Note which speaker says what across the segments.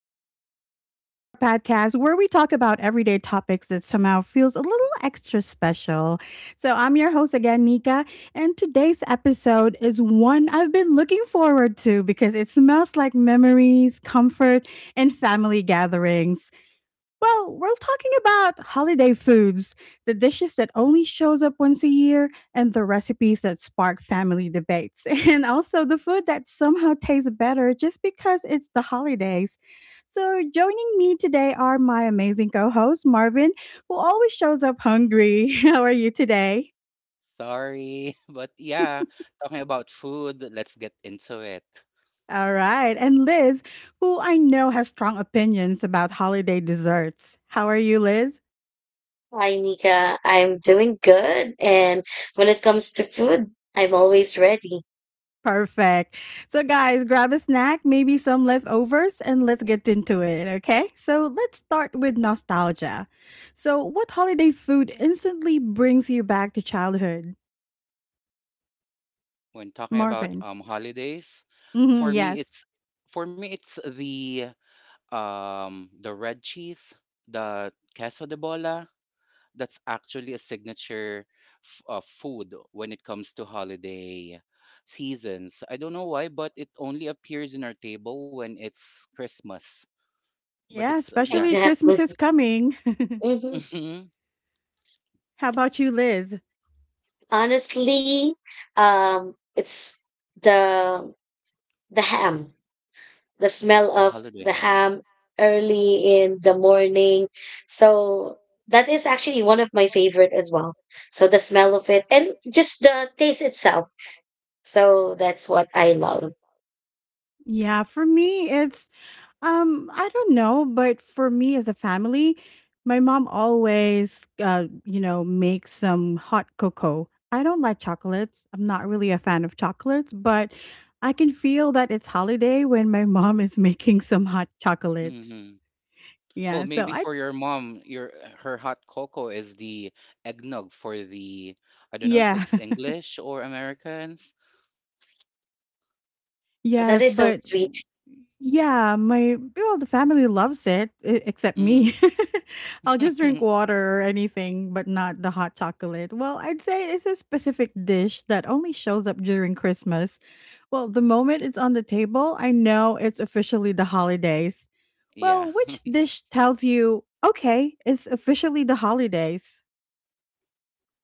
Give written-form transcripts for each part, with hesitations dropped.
Speaker 1: Chat with Us, our podcast where we talk about everyday topics that somehow feels a little extra special. So, I'm your host again, Nika, and today's episode is one I've been looking forward to because it smells like memories, comfort, and family gatherings. Well, we're talking about holiday foods, the dishes that only shows up once a year, and the recipes that spark family debates, and also the food that somehow tastes better just because it's the holidays. So, joining me today are my amazing co host, Marvin, who always shows up hungry. How are you today?
Speaker 2: Sorry, but yeah, talking about food, let's get into it.
Speaker 1: All right. And Liz, who I know has strong opinions about holiday desserts. How are you, Liz?
Speaker 3: Hi, Nika. I'm doing good. And when it comes to food, I'm always ready.
Speaker 1: Perfect. So, guys, grab a snack, maybe some leftovers, and let's get into it, okay? So, let's start with nostalgia. So, what holiday food instantly brings you back to childhood?
Speaker 2: When talking about
Speaker 1: Marvin.
Speaker 2: holidays,
Speaker 1: Hmm,
Speaker 2: for me
Speaker 1: yes.
Speaker 2: it's for me it's the red cheese, the queso de bola. That's actually a signature food when it comes to holiday seasons. I don't know why, but it only appears in our table when it's Christmas. But
Speaker 1: Yeah,
Speaker 2: it's yeah,
Speaker 1: especially Christmas
Speaker 3: Exactly.
Speaker 1: is coming.
Speaker 3: hmm
Speaker 2: hmm
Speaker 1: How about you, Liz?
Speaker 3: Honestly, it's the the ham, the smell
Speaker 2: the
Speaker 3: of
Speaker 2: holiday
Speaker 3: the
Speaker 2: ham.
Speaker 3: ham early in the morning. So that is actually one of my favorite as well. So the smell of it and just the taste itself. So that's what I love.
Speaker 1: Yeah, for me, it's. I don't know, but for me as a family, my mom always, makes some hot cocoa. I don't like chocolates. I'm not really a fan of chocolates, but I can feel that it's holiday when my mom is making some hot chocolates.
Speaker 2: Mm-hmm. Well,
Speaker 1: Yeah, so
Speaker 2: maybe for
Speaker 1: it's
Speaker 2: your mom, your her hot cocoa is the eggnog for the, I don't know if
Speaker 1: yeah.
Speaker 2: it's English or Americans.
Speaker 3: That
Speaker 1: Yes,
Speaker 3: is so
Speaker 1: but
Speaker 3: sweet.
Speaker 1: yeah, my well, the family loves it except me.
Speaker 2: Hmm.
Speaker 1: I'll just drink water or anything, but not the hot chocolate. Well, I'd say it's a specific dish that only shows up during Christmas. Well, the moment it's on the table, I know it's officially the holidays.
Speaker 2: Yeah.
Speaker 1: Well, which dish tells you, okay, it's officially the holidays?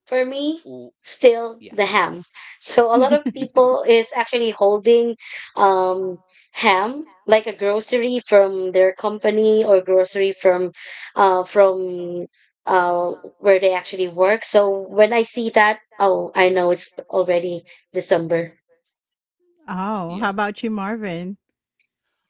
Speaker 3: For me,
Speaker 2: Oh,
Speaker 3: still
Speaker 2: yeah.
Speaker 3: the ham. So a lot of
Speaker 2: Mm,
Speaker 3: people is actually holding um ham like a grocery from their company or grocery from from uh where they actually work. So when I see that, oh, I know it's already December.
Speaker 1: Oh, how
Speaker 2: yeah.
Speaker 1: about you, Marvin?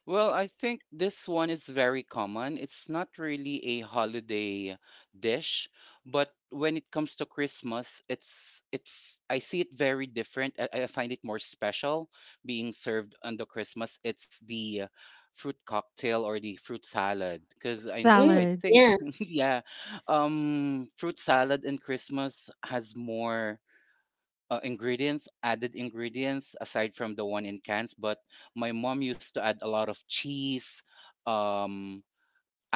Speaker 2: Well, I think this one is very common. It's not really a holiday dish, but when it comes to Christmas, it's I see it very different. I find it more special being served on the Christmas. It's the fruit cocktail or the fruit salad because I
Speaker 3: Mm,
Speaker 2: I
Speaker 1: Salad.
Speaker 2: think,
Speaker 3: yeah,
Speaker 2: yeah, fruit salad in Christmas has more ingredients, added ingredients aside from the one in cans. But my mom used to add a lot of cheese, um,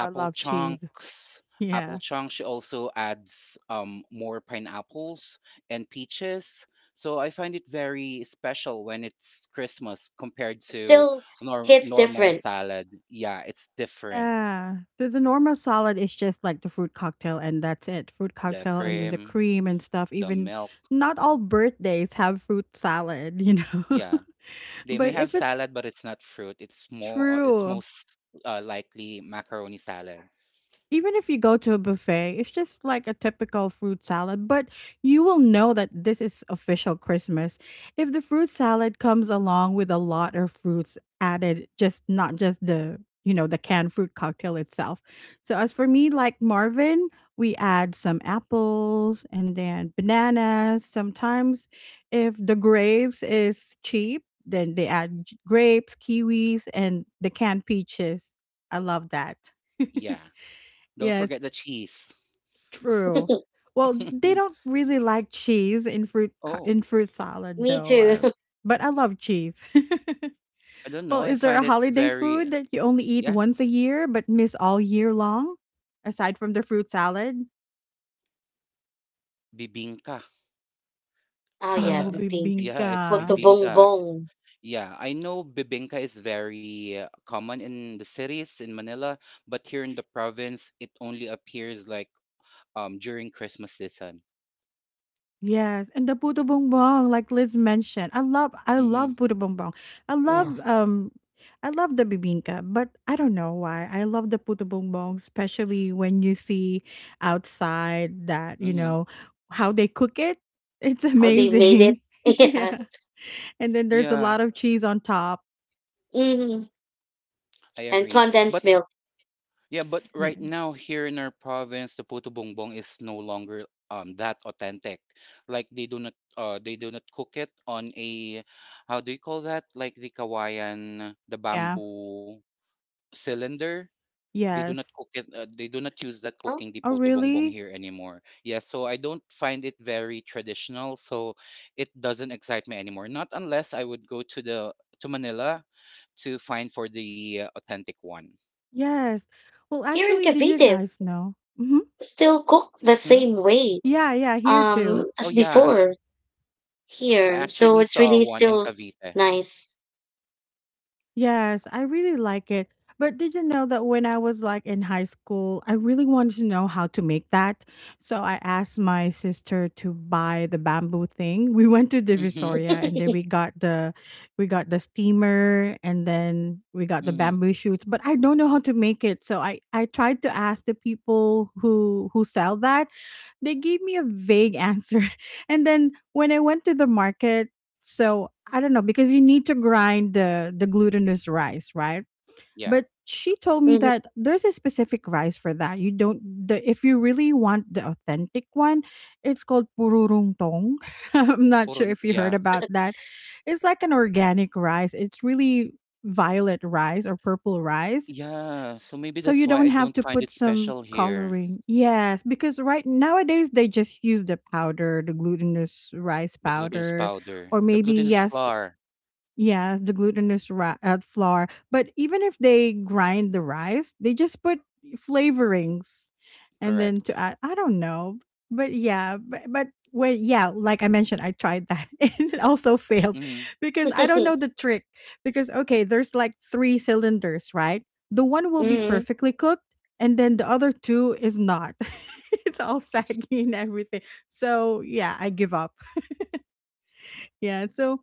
Speaker 1: I love cheese.
Speaker 2: chunks. Apple
Speaker 1: Yeah.
Speaker 2: chunks. She also adds more pineapples and peaches. So I find it very special when it's Christmas compared to
Speaker 3: still hits
Speaker 2: normal
Speaker 3: different.
Speaker 2: salad. Yeah, it's different.
Speaker 1: Yeah. So the normal salad is just like the fruit cocktail and that's it. Fruit
Speaker 2: The
Speaker 1: cocktail and then the
Speaker 2: cream,
Speaker 1: cream and stuff.
Speaker 2: the
Speaker 1: Even
Speaker 2: milk.
Speaker 1: not all birthdays have fruit salad.
Speaker 2: Yeah. They may
Speaker 1: But
Speaker 2: have
Speaker 1: if it's
Speaker 2: salad, but it's not fruit. It's more. It's
Speaker 1: true.
Speaker 2: most likely macaroni salad.
Speaker 1: Even if you go to a buffet, it's just like a typical fruit salad, but you will know that this is official Christmas. If the fruit salad comes along with a lot of fruits added, just not just the canned fruit cocktail itself. So as for me, like Marvin, we add some apples and then bananas. Sometimes if the grapes is cheap, then they add grapes, kiwis, and the canned peaches. I love that.
Speaker 2: Yeah. Don't
Speaker 1: Yes,
Speaker 2: forget the cheese.
Speaker 1: true. Well, they don't really like cheese in
Speaker 2: Oh,
Speaker 1: fruit salad
Speaker 3: Me
Speaker 1: though.
Speaker 3: too.
Speaker 1: Uh, but I love cheese.
Speaker 2: I don't
Speaker 1: Well,
Speaker 2: know. I
Speaker 1: is there a
Speaker 2: find it
Speaker 1: holiday
Speaker 2: very
Speaker 1: food that you only eat
Speaker 2: yeah
Speaker 1: once a year but miss all year long aside from the fruit salad?
Speaker 2: bibinka.
Speaker 3: Oh yeah,
Speaker 1: Oh,
Speaker 2: The
Speaker 3: the pink.
Speaker 2: yeah,
Speaker 1: bibingka.
Speaker 2: it's
Speaker 3: What, the bong
Speaker 2: bibinkas.
Speaker 3: bong?
Speaker 2: Yeah, I know bibinka is very common in the cities in Manila, but here in the province, it only appears like during Christmas season.
Speaker 1: Yes, and the puto bongbong, like Liz mentioned, I love
Speaker 2: Mm-hmm.
Speaker 1: puto bongbong. I love
Speaker 3: Yeah,
Speaker 1: um I love the bibingka, but I don't know why. I love the puto bongbong, especially when you see outside that you
Speaker 2: Mm-hmm.
Speaker 1: know how they cook it. It's
Speaker 3: how they
Speaker 2: Mm-hmm.
Speaker 3: made it.
Speaker 1: amazing.
Speaker 3: Yeah.
Speaker 1: Yeah, and then there's a
Speaker 2: Yeah,
Speaker 1: lot of cheese on top.
Speaker 3: Hmm.
Speaker 2: I
Speaker 3: And
Speaker 2: agree. But
Speaker 3: condensed milk.
Speaker 2: yeah, but
Speaker 1: Yeah,
Speaker 2: right now here in our province, the puto bongbong is no longer that authentic. Like they do not cook it on a, how do you call that? Like the Kawayan, the
Speaker 1: yeah,
Speaker 2: bamboo cylinder. They do not
Speaker 1: yes.
Speaker 2: cook it. They do not use that
Speaker 3: Huh?
Speaker 2: cooking the
Speaker 1: Oh,
Speaker 2: puto bongbong
Speaker 1: really?
Speaker 2: here anymore. Yeah, so I don't find it very traditional. So it doesn't excite me anymore. Not unless I would go to the to Manila to find for the authentic one.
Speaker 1: Yes. Well,
Speaker 3: Here in
Speaker 1: actually, did you
Speaker 3: Cavite,
Speaker 1: guys know? Hmm.
Speaker 3: still cook the
Speaker 2: Hmm?
Speaker 3: same way
Speaker 1: Yeah, yeah, here too.
Speaker 2: Oh
Speaker 3: as
Speaker 2: yeah.
Speaker 3: before
Speaker 2: I
Speaker 3: here. So
Speaker 2: actually
Speaker 3: it's
Speaker 2: saw
Speaker 3: really
Speaker 2: one in
Speaker 3: still
Speaker 2: Cavite.
Speaker 3: nice.
Speaker 1: Yes, I really like it. But did you know that when I was like in high school, I really wanted to know how to make that. So I asked my sister to buy the bamboo thing. We went to
Speaker 2: Mhm.
Speaker 1: Divisoria and then we got the steamer and then we got the
Speaker 2: Mhm.
Speaker 1: bamboo shoots, but I don't know how to make it. So I tried to ask the people who sell that. They gave me a vague answer. And then when I went to the market. So I don't know because you need to grind the glutinous rice, right?
Speaker 2: Yeah.
Speaker 1: But she told me
Speaker 3: Mhm.
Speaker 1: that there's a specific rice for that. You don't. The if you really want the authentic one, it's called pururung tong. I'm not
Speaker 2: Puro
Speaker 1: sure if you heard
Speaker 2: yeah.
Speaker 1: about that. It's like an organic rice. It's really violet rice or purple rice.
Speaker 2: Yeah, so maybe
Speaker 1: So
Speaker 2: that's
Speaker 1: you
Speaker 2: why
Speaker 1: don't
Speaker 2: I
Speaker 1: have
Speaker 2: don't
Speaker 1: to
Speaker 2: find
Speaker 1: put
Speaker 2: it
Speaker 1: some
Speaker 2: special here.
Speaker 1: coloring. Yes, because right nowadays they just use the powder, the glutinous rice
Speaker 2: The glutinous
Speaker 1: powder,
Speaker 2: powder,
Speaker 1: or
Speaker 2: the
Speaker 1: maybe
Speaker 2: glutinous
Speaker 1: yes.
Speaker 2: flour,
Speaker 1: Yes, the glutinous flour. But even if they grind the rice, they just put flavorings and then
Speaker 2: correct.
Speaker 1: to add, I don't know. But yeah, but well, yeah, like I mentioned, I tried that and it also failed
Speaker 2: Mhm.
Speaker 1: because I don't know the trick. Because, okay, there's like three cylinders, right? The one will be
Speaker 2: Mhm.
Speaker 3: Mhm.
Speaker 1: perfectly cooked and then the other two is not. It's all saggy and everything. So yeah, I give up. Yeah, so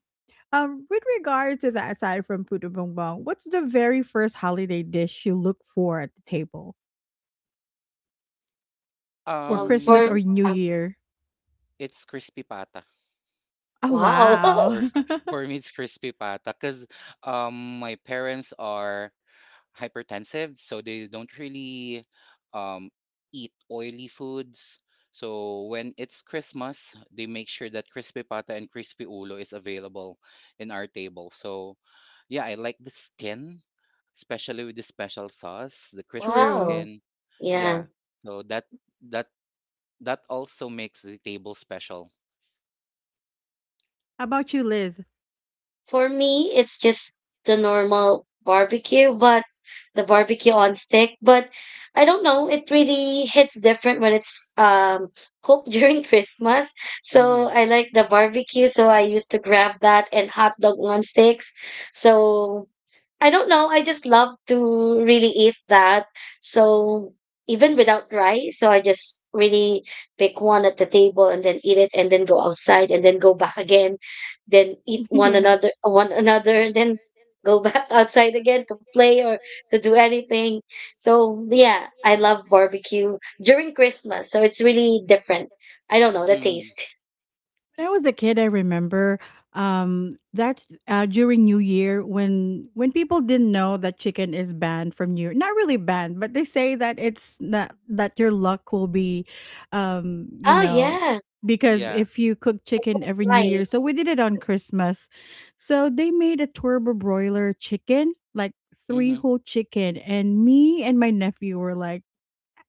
Speaker 1: with regards to that, aside from puto bongbong, what's the very first holiday dish you look for at the table for Christmas
Speaker 2: Um,
Speaker 3: For
Speaker 1: or New
Speaker 3: uh,
Speaker 1: Year?
Speaker 2: it's crispy pata.
Speaker 1: Oh
Speaker 3: wow,
Speaker 2: For
Speaker 1: wow,
Speaker 2: for me, it's crispy pata because my parents are hypertensive, so they don't really um, eat oily foods. So when it's Christmas, they make sure that crispy pata and crispy ulo is available in our table. So yeah, I like the skin, especially with the special sauce, the crispy
Speaker 1: true.
Speaker 3: wow,
Speaker 2: skin.
Speaker 3: yeah.
Speaker 2: Yeah, so that that also makes the table special.
Speaker 1: How about you, Liz?
Speaker 3: For me, it's just the normal barbecue, but the barbecue on stick. But I don't know, it really hits different when it's cooked during Christmas. So
Speaker 2: Mm-hmm.
Speaker 3: I like the barbecue, so I used to grab that and hot dog on sticks. So I don't know. I just love to really eat that. So even without rice, so I just really pick one at the table and then eat it and then go outside and then go back again, then eat one
Speaker 1: Yeah.
Speaker 3: another one another and then go back outside again to play or to do anything. So yeah, I love barbecue during Christmas. So it's really different. I don't know the
Speaker 2: Mm-hmm.
Speaker 3: taste.
Speaker 1: When I was a kid, I remember that's during New Year when people didn't know that chicken is banned from New Year. Not really banned, but they say that it's not that your luck will be, um, you
Speaker 3: Oh
Speaker 1: know,
Speaker 3: yeah.
Speaker 1: because
Speaker 2: Yeah.
Speaker 1: if you cook chicken every New
Speaker 3: Why?
Speaker 1: Year. So we did it on Christmas. So they made a turbo broiler chicken, like three
Speaker 2: Mm-hmm.
Speaker 1: whole chicken, and me and my nephew were like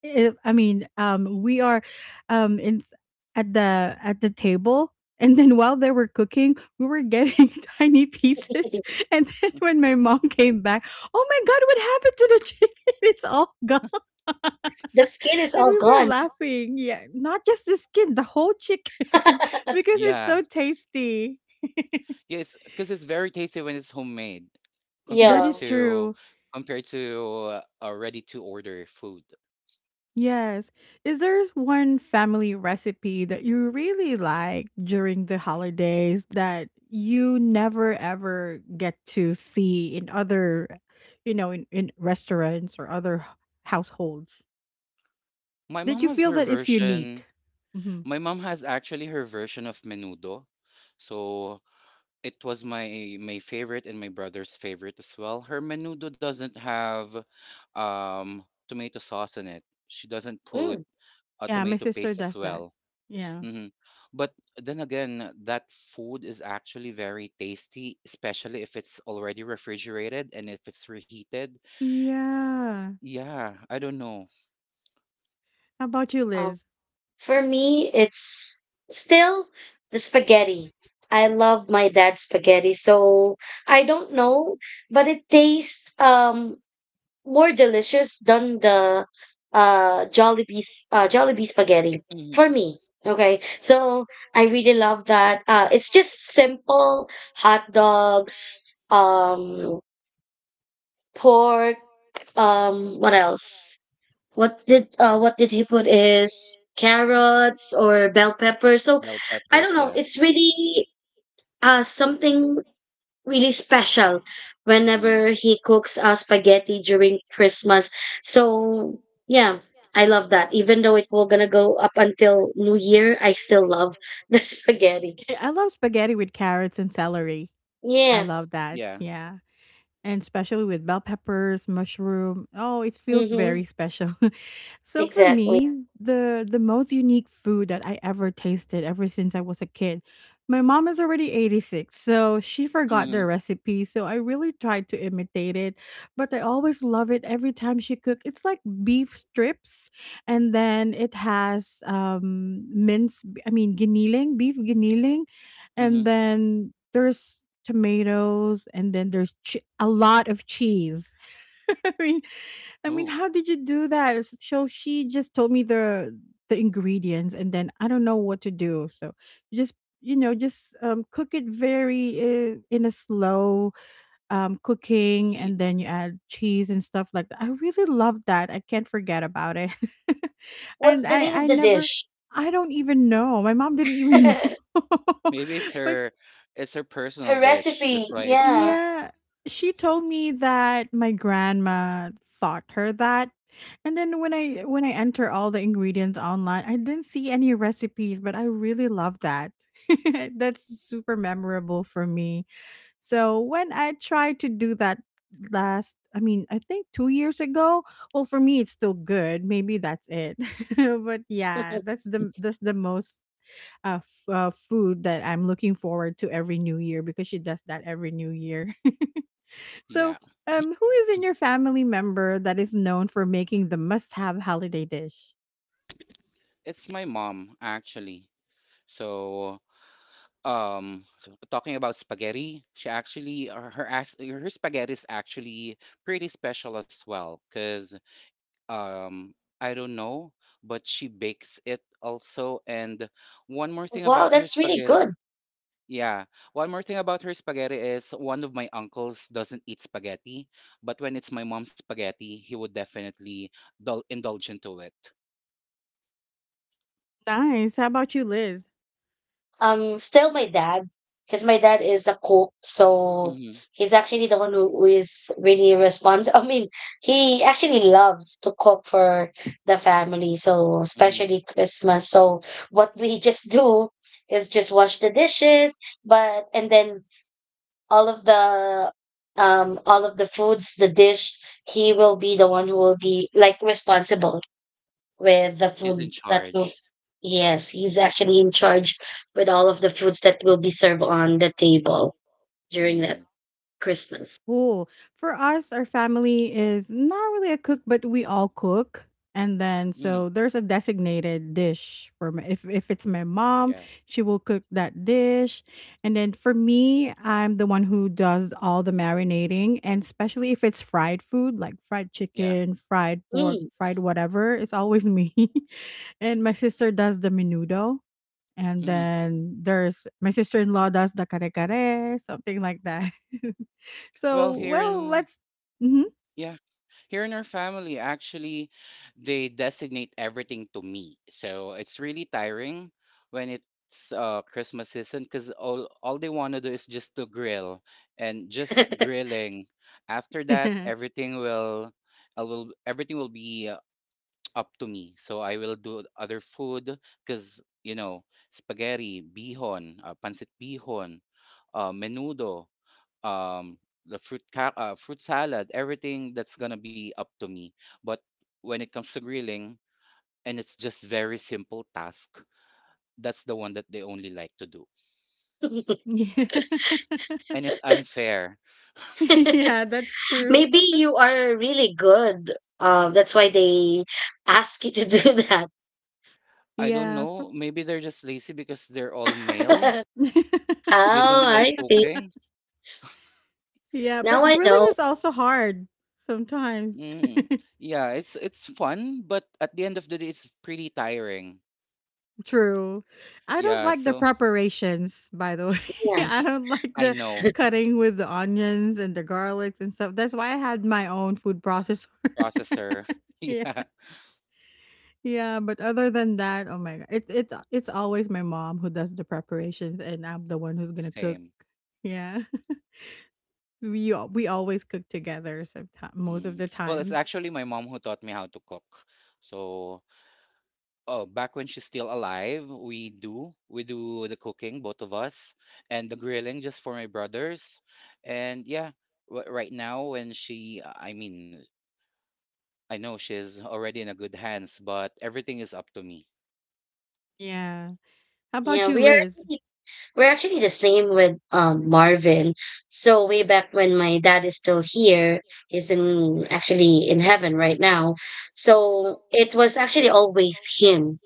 Speaker 1: it I mean, we are, in s at the table, and then while they were cooking, we were getting tiny pieces, and then when my mom came back, "Oh my god, what happened to the chicken? It's all gone."
Speaker 3: The skin is
Speaker 1: And
Speaker 3: all
Speaker 1: we were
Speaker 3: gone.
Speaker 1: laughing. Yeah, not just the skin, the whole chicken, because it's
Speaker 2: Yeah.
Speaker 1: so tasty.
Speaker 2: Yes, 'cause it's very tasty when it's homemade
Speaker 1: That
Speaker 2: compared
Speaker 3: Yeah.
Speaker 1: is
Speaker 2: to,
Speaker 1: true.
Speaker 2: compared to a ready to order food.
Speaker 1: Yes. Is there one family recipe that you really like during the holidays that you never ever get to see in other in restaurants or other households?
Speaker 2: My
Speaker 1: Did
Speaker 2: mom
Speaker 1: you
Speaker 2: has
Speaker 1: feel
Speaker 2: her
Speaker 1: that it's
Speaker 2: version.
Speaker 1: unique? Hmm.
Speaker 2: My mom has actually her version of menudo. So it was my favorite and my brother's favorite as well. Her menudo doesn't have tomato sauce in it. She doesn't put
Speaker 3: Mm.
Speaker 2: a
Speaker 1: Yeah, my
Speaker 2: tomato
Speaker 1: sister
Speaker 2: paste as
Speaker 1: does that.
Speaker 2: well.
Speaker 1: Yeah.
Speaker 2: Mhm. But then again, that food is actually very tasty, especially if it's already refrigerated and if it's reheated.
Speaker 1: Yeah.
Speaker 2: Yeah, I don't know.
Speaker 1: How about you, Liz?
Speaker 3: For me, it's still the spaghetti. I love my dad's spaghetti, so I don't know, but it tastes more delicious than the Jollibee's Jollibee spaghetti
Speaker 2: Mhm.
Speaker 3: for me. Okay, so I really love that. It's just simple hot dogs, um, pork, what else? What did he put, is carrots or bell pepper? So
Speaker 2: Bell
Speaker 3: I don't
Speaker 2: peppers,
Speaker 3: know,
Speaker 2: yes.
Speaker 3: it's really something really special
Speaker 2: Mm.
Speaker 3: whenever he cooks spaghetti during Christmas. So yeah, I love that even though it will gonna go up until New Year, I still love the spaghetti.
Speaker 1: Yeah, I love spaghetti with carrots and celery. I
Speaker 3: Yeah.
Speaker 1: love that.
Speaker 2: Yeah.
Speaker 1: Yeah. And especially with bell peppers, mushroom. Oh, it feels
Speaker 3: Mm-hmm,
Speaker 1: very special. So for, yeah, me,
Speaker 3: exactly.
Speaker 1: the most unique food that I ever tasted ever since I was a kid. My mom is already 86, so she forgot the
Speaker 2: Mhm.
Speaker 1: recipe, so I really tried to imitate it, but I always love it every time she cooked. It's like beef strips and then it has minced I mean giniling, beef giniling and
Speaker 2: Mhm.
Speaker 1: then there's tomatoes and then there's che a lot of cheese. I mean I mean,
Speaker 2: Oh,
Speaker 1: how did you do that? S so she just told me the ingredients, and then I don't know what to do. So just, just, cook it very, in a slow, cooking,
Speaker 2: heat.
Speaker 1: and then you add cheese and stuff like that. I really love that. I can't forget about it.
Speaker 3: What's
Speaker 1: And
Speaker 3: the name
Speaker 1: I
Speaker 3: of
Speaker 1: I
Speaker 3: the
Speaker 1: never
Speaker 3: dish?
Speaker 1: I don't even know. My mom didn't even know.
Speaker 2: Maybe it's
Speaker 1: But,
Speaker 2: her, it's her personal
Speaker 3: Her
Speaker 2: dish. That's
Speaker 3: recipe,
Speaker 2: why it's
Speaker 3: yeah.
Speaker 2: not.
Speaker 1: yeah, she told me that my grandma taught her that. And then when I enter all the ingredients online, I didn't see any recipes, but I really love that. That's super memorable for me. So when I tried to do that last, I mean, I think 2 years ago, well for me it's still good. Maybe that's it. But yeah, that's the most food that I'm looking forward to every new year because she does that every new year. So,
Speaker 2: Yeah.
Speaker 1: who is in your family member that is known for making the must-have holiday dish?
Speaker 2: It's my mom actually. So um, so talking about spaghetti, she actually her spaghetti is actually pretty special as well because um, I don't know, but she bakes it also. And one more thing
Speaker 3: Wow,
Speaker 2: about her
Speaker 3: that's really
Speaker 2: spaghetti,
Speaker 3: good.
Speaker 2: yeah, one more thing about her spaghetti is one of my uncles doesn't eat spaghetti, but when it's my mom's spaghetti, he would definitely indulge into it.
Speaker 1: Nice. How about you, Liz?
Speaker 3: Still my dad, because my dad is a cook, so
Speaker 2: Mm-hmm,
Speaker 3: he's actually the one who is really responsible. I mean, he actually loves to cook for the family, so
Speaker 2: mm-hmm.
Speaker 3: especially Christmas. So what we just do is just wash the dishes, but and then all of the all of the foods, the dish, he will be the one who will be like responsible with the
Speaker 2: He's in
Speaker 3: food that will —
Speaker 2: charge.
Speaker 3: yes, he's actually in charge with all of the foods that will be served on the table during that
Speaker 2: Mm-hmm,
Speaker 3: Christmas.
Speaker 1: Oh, for us, our family is not really a cook, but we all cook. And then
Speaker 2: mm-hmm.
Speaker 1: so there's a designated dish for if it's my mom,
Speaker 2: Yeah,
Speaker 1: she will cook that dish. And then for me, I'm the one who does all the marinating, and especially if it's fried food like fried
Speaker 2: yeah.
Speaker 1: chicken, fried pork,
Speaker 3: Mm.
Speaker 1: fried whatever, it's always me. And my sister does the menudo and
Speaker 2: Mm-hmm.
Speaker 1: then there's my sister-in-law does the kare-kare, something like that.
Speaker 2: Well,
Speaker 1: So,
Speaker 2: here
Speaker 1: well,
Speaker 2: in
Speaker 1: let's. Mhm.
Speaker 2: yeah, here in our family, actually, they designate everything to me. So it's really tiring when it's Christmas season because all they want to do is just to grill and just grilling. After that,
Speaker 1: Yeah.
Speaker 2: everything will I will everything will be up to me. So I will do other food because you know spaghetti, bihon, pancit bihon, menudo, um the fruit salad, everything that's gonna be up to me. But when it comes to grilling, and it's just very simple task, that's the one that they only like to do,
Speaker 1: Yeah.
Speaker 2: and it's unfair.
Speaker 1: Yeah, that's true.
Speaker 3: Maybe you are really good, that's why they ask you to do that.
Speaker 2: I don't
Speaker 1: Yeah.
Speaker 2: know, maybe they're just lazy because they're all male. They don't
Speaker 3: Oh,
Speaker 2: like
Speaker 3: I see.
Speaker 2: cooking.
Speaker 1: Yeah,
Speaker 3: Now
Speaker 1: but
Speaker 3: I
Speaker 1: grilling
Speaker 3: know.
Speaker 1: is also hard sometimes.
Speaker 2: Mm. Yeah, it's fun but at the end of the day it's pretty tiring.
Speaker 1: True. I don't
Speaker 2: Yeah
Speaker 1: like the
Speaker 2: so
Speaker 1: preparations, by the way.
Speaker 3: Yeah,
Speaker 1: I don't like
Speaker 2: I
Speaker 1: the
Speaker 2: know
Speaker 1: cutting with the onions and the garlics and stuff. That's why I had my own food processor.
Speaker 2: processor.
Speaker 1: Yeah.
Speaker 2: Yeah
Speaker 1: Yeah, but other than that, oh my god, it's always my mom who does the preparations, and I'm the one who's gonna cook.
Speaker 2: same.
Speaker 1: Yeah, we always cook together, sometime, most of
Speaker 2: Mm.
Speaker 1: the
Speaker 2: Well, it's
Speaker 1: time.
Speaker 2: actually my mom who taught me how to cook. So, oh, back when she's still alive, we do the cooking, both of us, and the grilling just for my brothers. And yeah, w- right now when she, I mean, I know she's already in a good hands, but everything is up to me.
Speaker 1: Yeah. How about
Speaker 3: yeah,
Speaker 1: you,
Speaker 3: we are
Speaker 1: Liz?
Speaker 3: really — we're actually the same with Marvin. So way back when my dad is still here, he's in actually in heaven right now. So it was actually always him.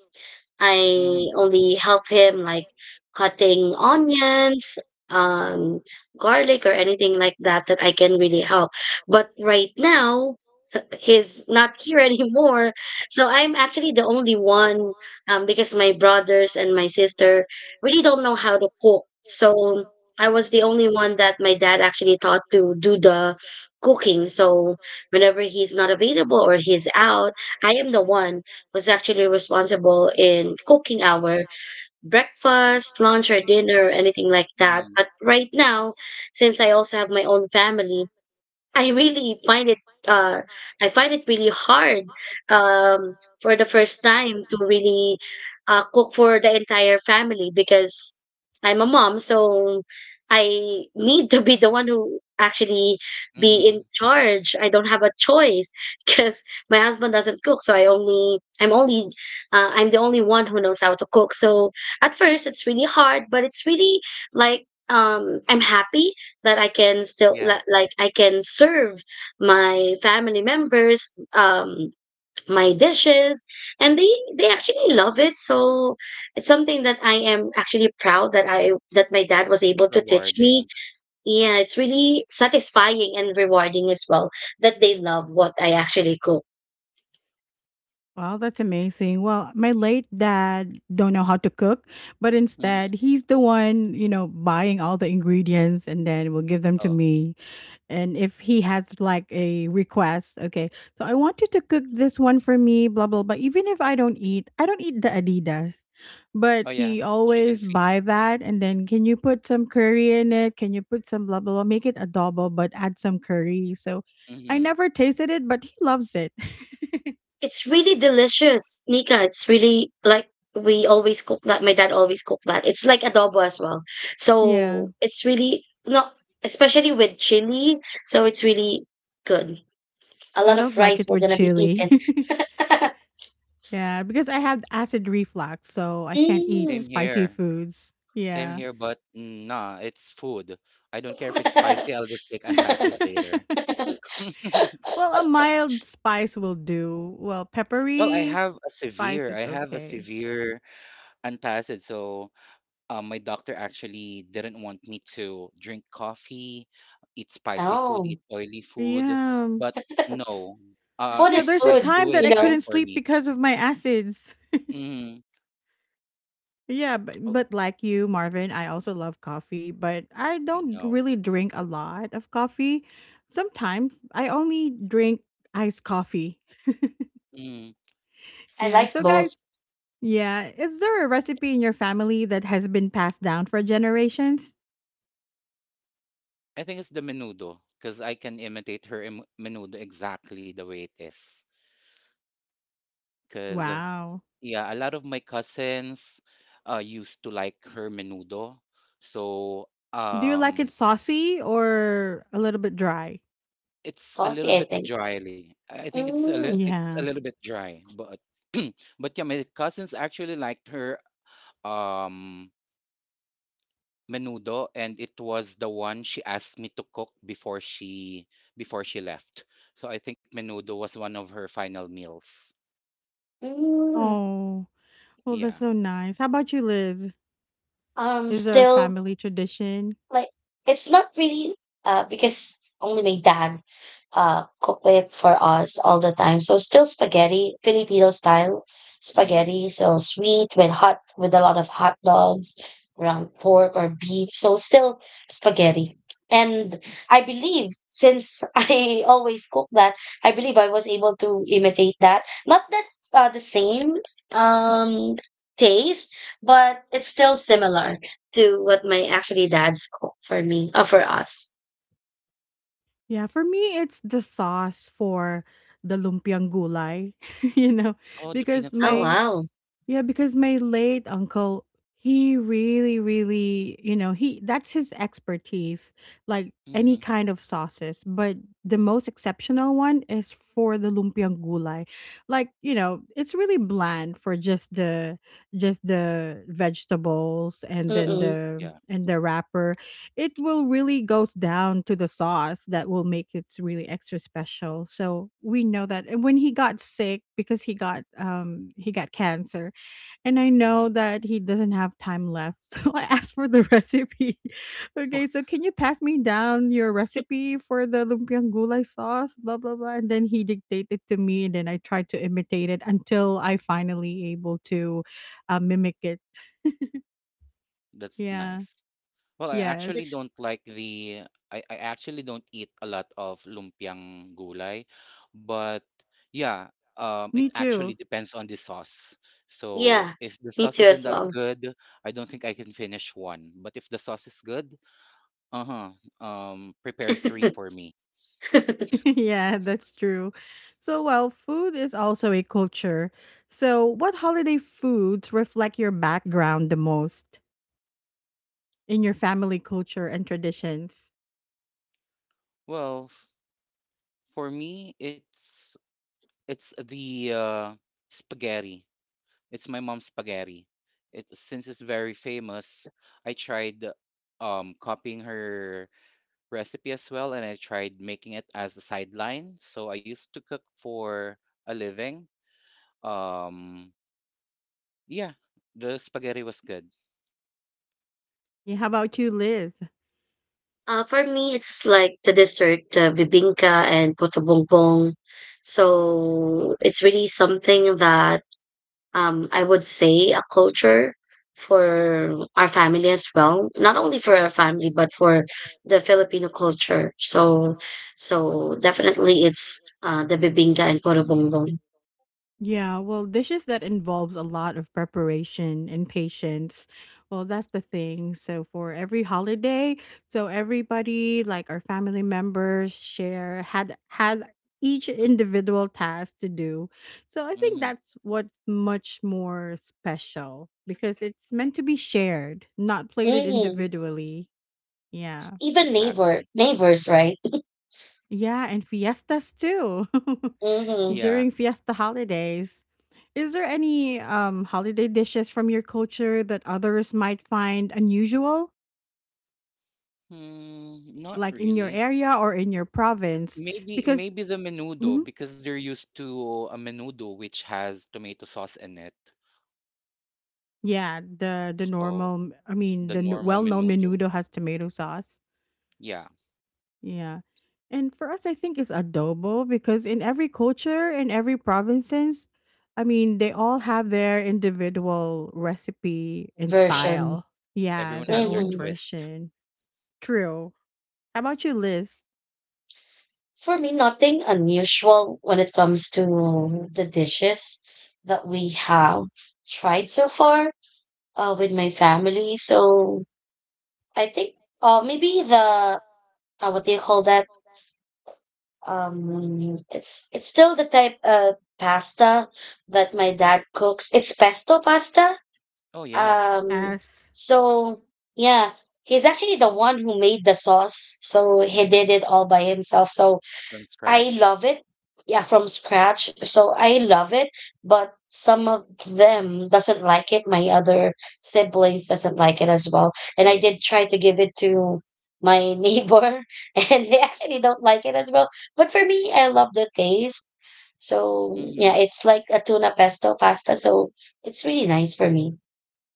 Speaker 3: I
Speaker 2: Mm-hmm.
Speaker 3: only help him like cutting onions, um, garlic, or anything like that that I can really help. But right now, he's not here anymore. So I'm actually the only one, because my brothers and my sister really don't know how to cook. So I was the only one that my dad actually taught to do the cooking. So whenever he's not available or he's out, I am the one was actually responsible in cooking our breakfast, lunch, or dinner, or anything like that.
Speaker 2: Mm-hmm.
Speaker 3: But right now, since I also have my own family, I really find it uh I find it really hard for the first time to really cook for the entire family because I'm a mom, so I need to be the one who actually be
Speaker 2: Mm-hmm.
Speaker 3: in charge. I don't have a choice because my husband doesn't cook, so I'm the only one who knows how to cook. So at first it's really hard, but it's really like, um, I'm happy that I can still
Speaker 2: Yeah,
Speaker 3: li- like I can serve my family members um my dishes, and they actually love it, so it's something that I am actually proud that I that my dad was
Speaker 2: it's
Speaker 3: able to teach me.
Speaker 2: rewarding.
Speaker 3: Yeah, it's really satisfying and rewarding as well that they love what I actually cook.
Speaker 1: Well, that's amazing. Well, my late dad don't know how to cook, but
Speaker 2: Mm-hmm.
Speaker 1: instead he's the one buying all the ingredients and then will give them to
Speaker 2: Oh,
Speaker 1: me. And if he has like a request, okay, so I want you to cook this one for me, blah blah blah. Even if I don't eat the Adidas, but
Speaker 2: oh yeah,
Speaker 1: he
Speaker 2: chicken
Speaker 1: always
Speaker 2: feet.
Speaker 1: buy that, and then can you put some curry in it? Can you put some blah blah blah? Make it adobo, but add some curry. So I
Speaker 2: Mm-hmm.
Speaker 1: never tasted it, but he loves it.
Speaker 3: It's really delicious, Nika. It's really like we always cook that. My dad always cook that. It's like adobo as well.
Speaker 1: Yeah,
Speaker 3: So it's really not, especially with chili. So it's really good. A
Speaker 1: I
Speaker 3: lot of
Speaker 1: don't like
Speaker 3: rice
Speaker 1: it
Speaker 3: we're
Speaker 1: with
Speaker 3: gonna be
Speaker 1: chili.
Speaker 3: eating.
Speaker 1: Yeah, because I have acid reflux, so I can't eat
Speaker 3: Mm.
Speaker 2: Same
Speaker 1: spicy
Speaker 2: here.
Speaker 1: foods.
Speaker 2: Same
Speaker 1: Yeah.
Speaker 2: here, but mm, nah, it's food. I don't care if it's spicy, I'll just take antacid later.
Speaker 1: Well, a mild spice will do. Well,
Speaker 2: Well,
Speaker 1: peppery spice
Speaker 2: I
Speaker 1: is
Speaker 2: have a
Speaker 1: okay.
Speaker 2: severe antacid. So, my doctor actually didn't want me to drink coffee, eat spicy food,
Speaker 3: Oh,
Speaker 2: eat oily food.
Speaker 1: Yeah.
Speaker 2: But no,
Speaker 3: food
Speaker 1: Yeah,
Speaker 3: is
Speaker 2: it's
Speaker 1: there's a
Speaker 2: like
Speaker 3: food.
Speaker 1: time that I
Speaker 3: You
Speaker 2: suicide
Speaker 3: know,
Speaker 1: couldn't
Speaker 2: for
Speaker 1: sleep
Speaker 2: me.
Speaker 1: because of my acids.
Speaker 2: Mm,
Speaker 1: Yeah, but,
Speaker 2: oh,
Speaker 1: but like you, Marvin, I also love coffee, but I
Speaker 2: I
Speaker 1: don't
Speaker 2: know.
Speaker 1: really drink a lot of coffee. Sometimes I only drink iced coffee.
Speaker 2: Mm,
Speaker 3: I
Speaker 1: Yeah.
Speaker 3: like
Speaker 1: So,
Speaker 3: both.
Speaker 1: guys, yeah, is there a recipe in your family that has been passed down for generations?
Speaker 2: I think it's the menudo because I can imitate her menudo exactly the way it is. Because
Speaker 1: Wow.
Speaker 2: yeah, a lot of my cousins used to like her menudo. So
Speaker 1: Do you like it
Speaker 2: um,
Speaker 1: saucy or a little bit dry?
Speaker 2: it's a little
Speaker 3: Saucy, I
Speaker 2: bit
Speaker 3: think.
Speaker 2: dryly. I think it's a
Speaker 3: Mm.
Speaker 2: it's a
Speaker 1: Yeah.
Speaker 2: little bit dry, but but yeah, my cousins actually liked her um, menudo, and it was the one she asked me to cook before she, before she left. So I think menudo was one of her final meals.
Speaker 3: Mm.
Speaker 1: Oh, well,
Speaker 2: Yeah.
Speaker 1: that's so nice. How about you, Liz? Is there a
Speaker 3: Still,
Speaker 1: family tradition?
Speaker 3: like, it's not really because only my dad cooked it for us all the time. So still spaghetti, Filipino style
Speaker 2: Hmm.
Speaker 3: spaghetti, so sweet with hot with a lot of hot dogs, ground pork or beef. So still spaghetti. And I believe since I always cook that, I believe I was able to imitate that. Not that the same um taste, but it's still similar to what my actually dad's cook for me, for us.
Speaker 1: Yeah, for me, it's the sauce for the lumpiang gulay, you know,
Speaker 2: Oh, the
Speaker 1: because
Speaker 2: peanut
Speaker 3: Oh,
Speaker 1: my
Speaker 2: sauce.
Speaker 3: wow.
Speaker 1: Yeah, because my late uncle, he really, really, you know, he that's his expertise, like any
Speaker 2: Mm-hmm.
Speaker 1: kind of sauces. But the most exceptional one is for the lumpiang gulay. Like, it's really bland for just the vegetables and then
Speaker 2: Itself.
Speaker 3: Mm-mm.
Speaker 1: the
Speaker 2: Yeah.
Speaker 1: and the wrapper. It will really goes down to the sauce that will make it really extra special. So we know that. And when he got sick because he got cancer, and I
Speaker 2: Mm-hmm.
Speaker 1: know that he doesn't have time left, so I asked for the recipe. Okay, so can you pass me down your recipe for the lumpiang gulay sauce? Blah blah blah. And then he dictated to me, and then I tried to imitate it until I finally able to mimic it.
Speaker 2: That's
Speaker 1: Yeah.
Speaker 2: nice. Well, I actually
Speaker 1: Yes.
Speaker 3: It's,
Speaker 2: don't like the, I actually don't eat a lot of lumpiang gulay, but yeah, it
Speaker 1: Me too.
Speaker 2: actually depends on the sauce. So
Speaker 3: yeah,
Speaker 2: if the
Speaker 3: me
Speaker 2: sauce
Speaker 3: too
Speaker 2: isn't
Speaker 3: as
Speaker 2: that
Speaker 3: well.
Speaker 2: good, I don't think I can finish one. But if the sauce is good, uh-huh, prepare three for me.
Speaker 1: Yeah, that's true. So well, food is also a culture. So what holiday foods reflect your background the most in your family culture and traditions?
Speaker 2: Well, for me, it's the spaghetti. It's my mom's spaghetti. It since it's very famous, I tried copying her recipe as well and I tried making it as a sideline. So I used to cook for a living. Um yeah, the spaghetti was good.
Speaker 1: Yeah, how about you, Liz?
Speaker 3: Uh, for me, it's like the dessert, the bibingka and puto bongbong. So it's really something that, I would say a culture for our family as well. Not only for our family, but for the Filipino culture. So, so definitely it's the bibingka and puto
Speaker 2: Hmm.
Speaker 3: bongbong.
Speaker 1: Yeah, well, dishes that involves a lot of preparation and patience. Well, that's the thing. So for every holiday, so everybody, like our family members, share had has each individual task to do. So I think
Speaker 2: Hmm.
Speaker 1: that's what's much more special because it's meant to be shared, not plated
Speaker 3: Mm.
Speaker 1: individually. Yeah.
Speaker 3: Even neighbor
Speaker 2: Exactly.
Speaker 3: neighbors, right?
Speaker 1: Yeah, and fiestas too.
Speaker 3: Mm-hmm.
Speaker 2: Yeah.
Speaker 1: During fiesta holidays. Is there any holiday dishes from your culture that others might find unusual,
Speaker 2: Hmm, not
Speaker 1: like in your
Speaker 2: really.
Speaker 1: area or in your province?
Speaker 2: Maybe
Speaker 1: Because
Speaker 2: maybe the
Speaker 1: mhm,
Speaker 2: menudo because they're used to a menudo which has tomato sauce in it.
Speaker 1: yeah, the
Speaker 2: So
Speaker 1: normal, I mean,
Speaker 2: the normal
Speaker 1: well-known
Speaker 2: menudo.
Speaker 1: menudo has tomato sauce.
Speaker 2: Yeah.
Speaker 1: Yeah. And for us, I think it's adobo because in every culture, in every provinces, I mean, they all have their individual recipe and
Speaker 3: Version.
Speaker 2: Yeah,
Speaker 1: style. Yeah,
Speaker 2: everyone
Speaker 1: their
Speaker 3: Mm-hmm.
Speaker 2: has their
Speaker 1: own
Speaker 2: twist.
Speaker 1: version. True. How about you, Liz?
Speaker 3: For me, nothing unusual when it comes to the dishes that we have tried so far with my family. So I think maybe the what do you call that? It's still the type of pasta that my dad cooks. It's pesto pasta.
Speaker 2: Oh yeah.
Speaker 3: Um,
Speaker 1: As
Speaker 3: so yeah, he's actually the one who made the sauce. So he did
Speaker 2: Mhm.
Speaker 3: it all by himself. So
Speaker 2: From
Speaker 3: I
Speaker 2: scratch.
Speaker 3: love it. Yeah, from scratch. So I love it, but some of them doesn't like it. My other siblings doesn't like it as well. And I did
Speaker 2: Same.
Speaker 3: try to give it to my neighbor and they actually don't like it as well. But for me, I love the taste. So
Speaker 2: Mhm.
Speaker 3: yeah, it's like a tuna pesto pasta. So it's really nice for me.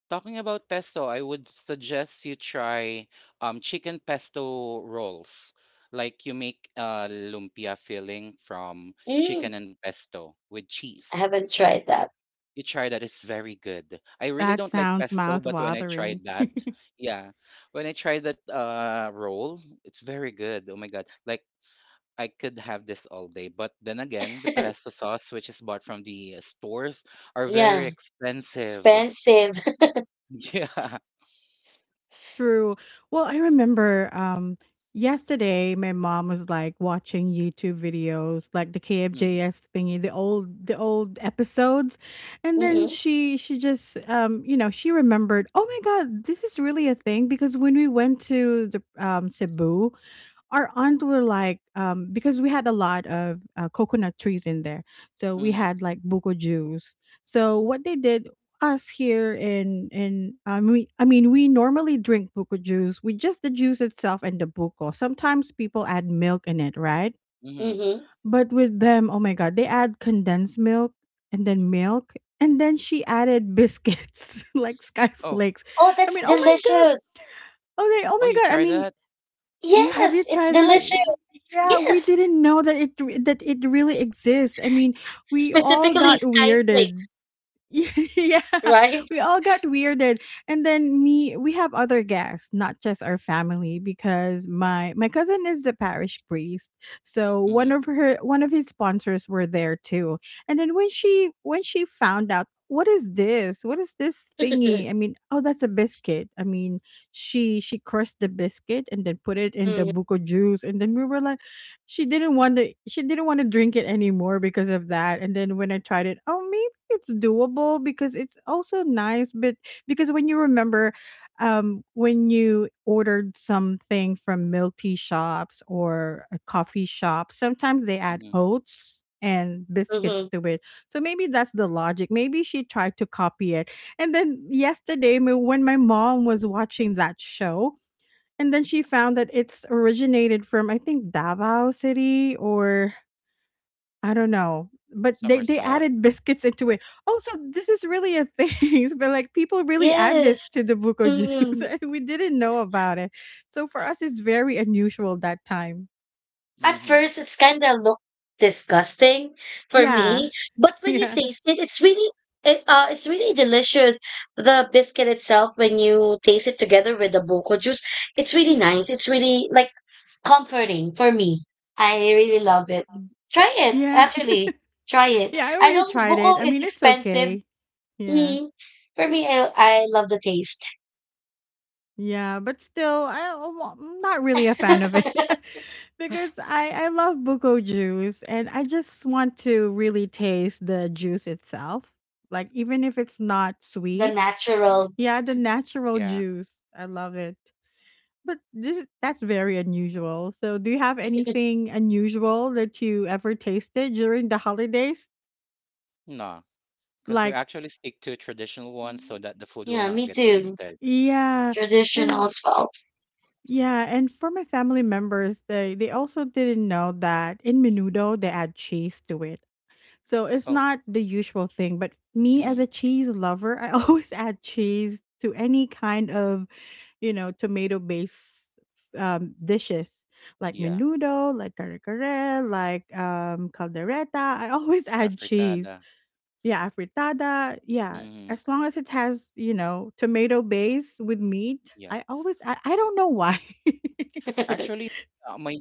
Speaker 2: Talking about pesto, I would suggest you try chicken pesto rolls. Like you make a lumpia filling from
Speaker 3: Mm.
Speaker 2: chicken and pesto with
Speaker 3: I
Speaker 2: cheese.
Speaker 3: haven't tried that.
Speaker 2: You try that, it's very good. I really
Speaker 1: that
Speaker 2: don't like
Speaker 1: sounds
Speaker 2: pesto,
Speaker 1: mouth
Speaker 2: but when I
Speaker 1: watering.
Speaker 2: tried that, yeah, when I tried that roll, it's very good. Oh my God. Like I could have this all day. But then again, the pesto sauce, which is bought from the stores, are very
Speaker 3: Yeah,
Speaker 2: expensive.
Speaker 3: expensive.
Speaker 2: Yeah.
Speaker 1: True. Well, I remember yesterday my mom was like watching YouTube videos like the
Speaker 2: Hmm.
Speaker 1: KFJS thingy, the old episodes. And
Speaker 2: Yeah.
Speaker 1: then
Speaker 3: Mm-mm,
Speaker 1: she just she remembered, "Oh my god, this is really a thing because when we went to the Cebu, our aunt were like because we had a lot of coconut trees in there, so we
Speaker 2: Hmm.
Speaker 1: had like buko juice. So what they did, us here in we, I mean we normally drink buko juice with just the juice itself and the buko. Sometimes people add milk in it, right?
Speaker 2: Hmm.
Speaker 3: mm-hmm.
Speaker 1: But with them, oh my god, they add condensed milk and then milk, and then she added biscuits like sky
Speaker 2: Oh,
Speaker 1: flakes.
Speaker 3: Oh,
Speaker 1: I
Speaker 3: that's
Speaker 1: mean, oh my god.
Speaker 3: delicious.
Speaker 1: Okay, oh
Speaker 2: oh, you
Speaker 1: my god. I
Speaker 2: try
Speaker 1: mean,
Speaker 2: that?
Speaker 3: Yes,
Speaker 1: you
Speaker 3: it's
Speaker 1: tried that?
Speaker 3: delicious.
Speaker 1: Yeah, we
Speaker 3: Yes,
Speaker 1: didn't know that that it really exists. I mean, we all
Speaker 3: specifically
Speaker 1: got
Speaker 3: sky
Speaker 1: weirded.
Speaker 3: flakes,
Speaker 1: Yeah,
Speaker 3: right?
Speaker 1: we all got weirded. And then me, we have other guests, not just our family, because my cousin is the parish priest. So
Speaker 2: Hmm.
Speaker 1: one of his sponsors were there too. And then when she found out, what is this? What is this thingy? I mean, oh, that's a biscuit. I mean, she crushed the biscuit and then put it in the
Speaker 3: Mm-hmm,
Speaker 1: buko juice, and then we were like, she didn't want to drink it anymore because of that. And then when I tried it, oh, it's doable because it's also nice. But because when you remember, when you ordered something from milk tea shops or a coffee shop, sometimes they add
Speaker 2: Hmm.
Speaker 1: oats and biscuits
Speaker 3: mm-hmm.
Speaker 1: to it. So maybe that's the logic, maybe she tried to copy it. And then yesterday, when my mom was watching that show, and then she found that it's originated from I think Davao City or I don't know, but
Speaker 2: Summer
Speaker 1: they
Speaker 2: South.
Speaker 1: added biscuits into it. Oh, so this is really a thing. But like, people really add this
Speaker 3: Yes.
Speaker 1: to the buko juice.
Speaker 3: Mm-hmm.
Speaker 1: And we didn't know about it. So for us, it's very unusual that time.
Speaker 3: At
Speaker 2: Hmm.
Speaker 3: first, it's kind of look disgusting for
Speaker 1: Yeah.
Speaker 3: me, but when you
Speaker 1: Yeah.
Speaker 3: taste it, it's really — it, it's really delicious. The biscuit itself, when you taste it together with the boko juice, it's really nice. It's really like comforting for me. I really love it.
Speaker 1: Mm.
Speaker 3: Try it,
Speaker 1: Yeah.
Speaker 3: actually. Try it.
Speaker 1: Yeah, I
Speaker 3: I
Speaker 1: already
Speaker 3: know
Speaker 1: tried it.
Speaker 3: buko
Speaker 1: I
Speaker 3: is
Speaker 1: mean, it's
Speaker 3: expensive.
Speaker 1: okay. Yeah.
Speaker 3: Mm. For me, I love the taste.
Speaker 1: Yeah, but still, am not really a fan of it. Because I love buko juice and I just want to really taste the juice itself. Like, even if it's not
Speaker 3: The
Speaker 1: sweet,
Speaker 3: natural.
Speaker 1: yeah, the natural
Speaker 2: Yeah.
Speaker 1: juice. I love it. But this that's very unusual. So, do you have anything unusual that you ever tasted during the holidays?
Speaker 2: No, because we
Speaker 1: Like,
Speaker 2: actually stick to traditional ones so that the food will
Speaker 3: Yeah,
Speaker 2: not
Speaker 3: me
Speaker 2: get
Speaker 3: too.
Speaker 2: wasted.
Speaker 1: yeah.
Speaker 3: Traditional
Speaker 1: And
Speaker 3: as well.
Speaker 1: Yeah, and for my family members, they also didn't know that in menudo they add cheese to it. So it's
Speaker 2: Oh,
Speaker 1: not the usual thing, but me as a
Speaker 2: mm,
Speaker 1: cheese lover, I always add cheese to any kind of, tomato-based dishes like
Speaker 2: yeah.
Speaker 1: menudo, like kare kare, like caldereta. I always add cheese.
Speaker 2: Afritada.
Speaker 1: Yeah, afritada. Yeah,
Speaker 2: Hmm.
Speaker 1: as long as it has, tomato base with meat,
Speaker 2: Yeah.
Speaker 1: I don't know why.
Speaker 2: Actually, my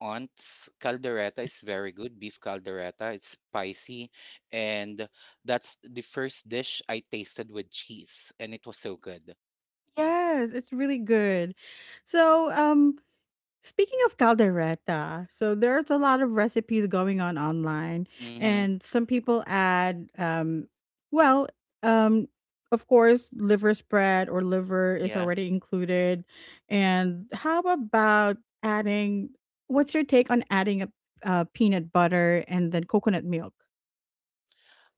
Speaker 2: aunt's caldereta is very good, beef caldereta. It's spicy, and that's the first dish I tasted with cheese, and it was so good.
Speaker 1: Yes, it's really good. So, speaking of caldereta, so there's a lot of recipes going on online,
Speaker 2: Mm-hmm.
Speaker 1: and some people add, well, um, of course, liver spread or liver is
Speaker 2: Yeah.
Speaker 1: already included. And how about adding? What's your take on adding a peanut butter and then coconut milk?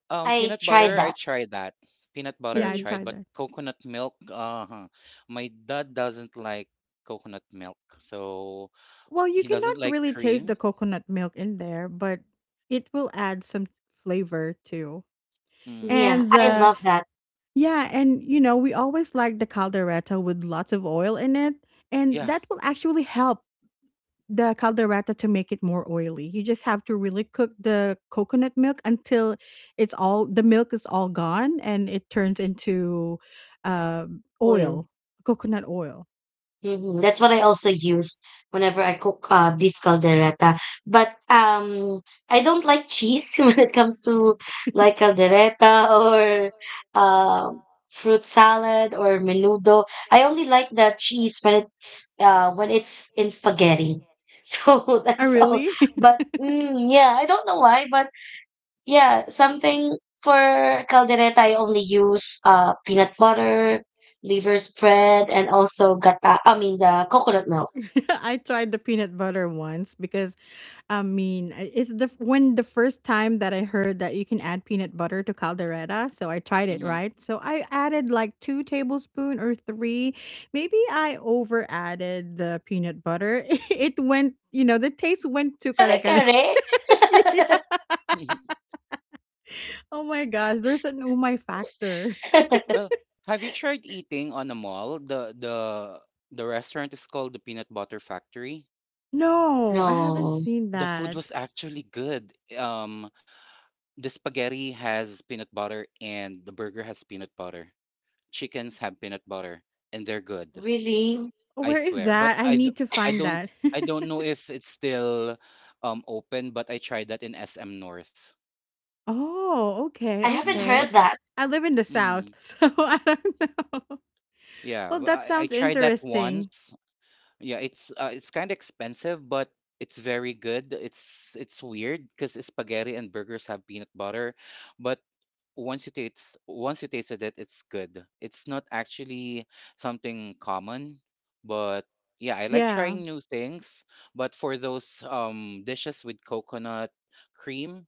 Speaker 3: I
Speaker 2: Peanut
Speaker 3: tried
Speaker 2: butter, I
Speaker 3: that.
Speaker 2: tried that. Peanut butter,
Speaker 1: Yeah,
Speaker 2: I
Speaker 1: I
Speaker 3: Mhm.
Speaker 2: tried,
Speaker 1: tried
Speaker 2: but
Speaker 1: that.
Speaker 2: coconut milk, uh-huh. My dad doesn't like coconut milk, so
Speaker 1: Well, you
Speaker 2: he
Speaker 1: cannot
Speaker 2: doesn't like
Speaker 1: really taste
Speaker 2: cream.
Speaker 1: the coconut milk in there, but it will add some flavor too.
Speaker 2: Mm,
Speaker 3: Yeah,
Speaker 1: And
Speaker 3: I
Speaker 2: well,
Speaker 1: the
Speaker 3: love that
Speaker 1: Yeah, and we always like the caldereta with lots of oil in it, and
Speaker 2: yeah.
Speaker 1: that will actually help the caldereta to make it more oily. You just have to really cook the coconut milk until it's all the milk is all gone and it turns into
Speaker 3: oil.
Speaker 1: oil, coconut oil.
Speaker 3: Mhm. That's what I also use whenever I cook beef caldereta. But I don't like cheese when it comes to like caldereta or um fruit salad or menudo. I only like the cheese when it's in spaghetti. So
Speaker 1: Oh,
Speaker 3: that's all.
Speaker 1: really?
Speaker 3: But mm, yeah, I don't know why, but yeah, something — for caldereta, I only use peanut butter, liver spread, and also gata. I mean the coconut milk.
Speaker 1: I tried the peanut butter once because I mean, it's the when the first time that I heard that you can add peanut butter to caldereta, so I tried it,
Speaker 2: Mm-hmm.
Speaker 1: right? So I added like two tablespoon or three. Maybe I over added the peanut butter. It went, the taste went to
Speaker 3: Kare
Speaker 1: kare kare.
Speaker 3: kare.
Speaker 1: Yeah. Oh my gosh, there's an umay factor.
Speaker 2: Well, have you tried eating on a mall? The the restaurant is called the Peanut Butter Factory.
Speaker 1: No, I haven't
Speaker 3: No,
Speaker 1: seen
Speaker 2: The food
Speaker 1: that.
Speaker 2: was actually good. The spaghetti has peanut butter and the burger has peanut butter. Chickens have peanut butter and they're good.
Speaker 3: really,
Speaker 1: Oh,
Speaker 2: I
Speaker 1: where is
Speaker 2: swear. But
Speaker 1: that? I
Speaker 2: I d-
Speaker 1: need to
Speaker 2: I
Speaker 1: find
Speaker 2: don't
Speaker 1: that.
Speaker 2: I don't know if it's still open, but I tried that in SM North.
Speaker 1: Oh, okay,
Speaker 3: I haven't
Speaker 2: Hmm.
Speaker 1: okay.
Speaker 2: But
Speaker 3: heard that.
Speaker 1: I live in the South,
Speaker 2: mm,
Speaker 1: so I don't know.
Speaker 2: yeah,
Speaker 1: Well,
Speaker 2: w-
Speaker 1: that
Speaker 2: I
Speaker 1: sounds
Speaker 2: tried that
Speaker 1: interesting.
Speaker 2: once. Yeah, it's kind of expensive, but it's very good. It's weird because spaghetti and burgers have peanut butter, but once you tasted it, it's good. It's not actually something common, but yeah, I like
Speaker 1: Yeah.
Speaker 2: trying new things. But for those dishes with coconut cream,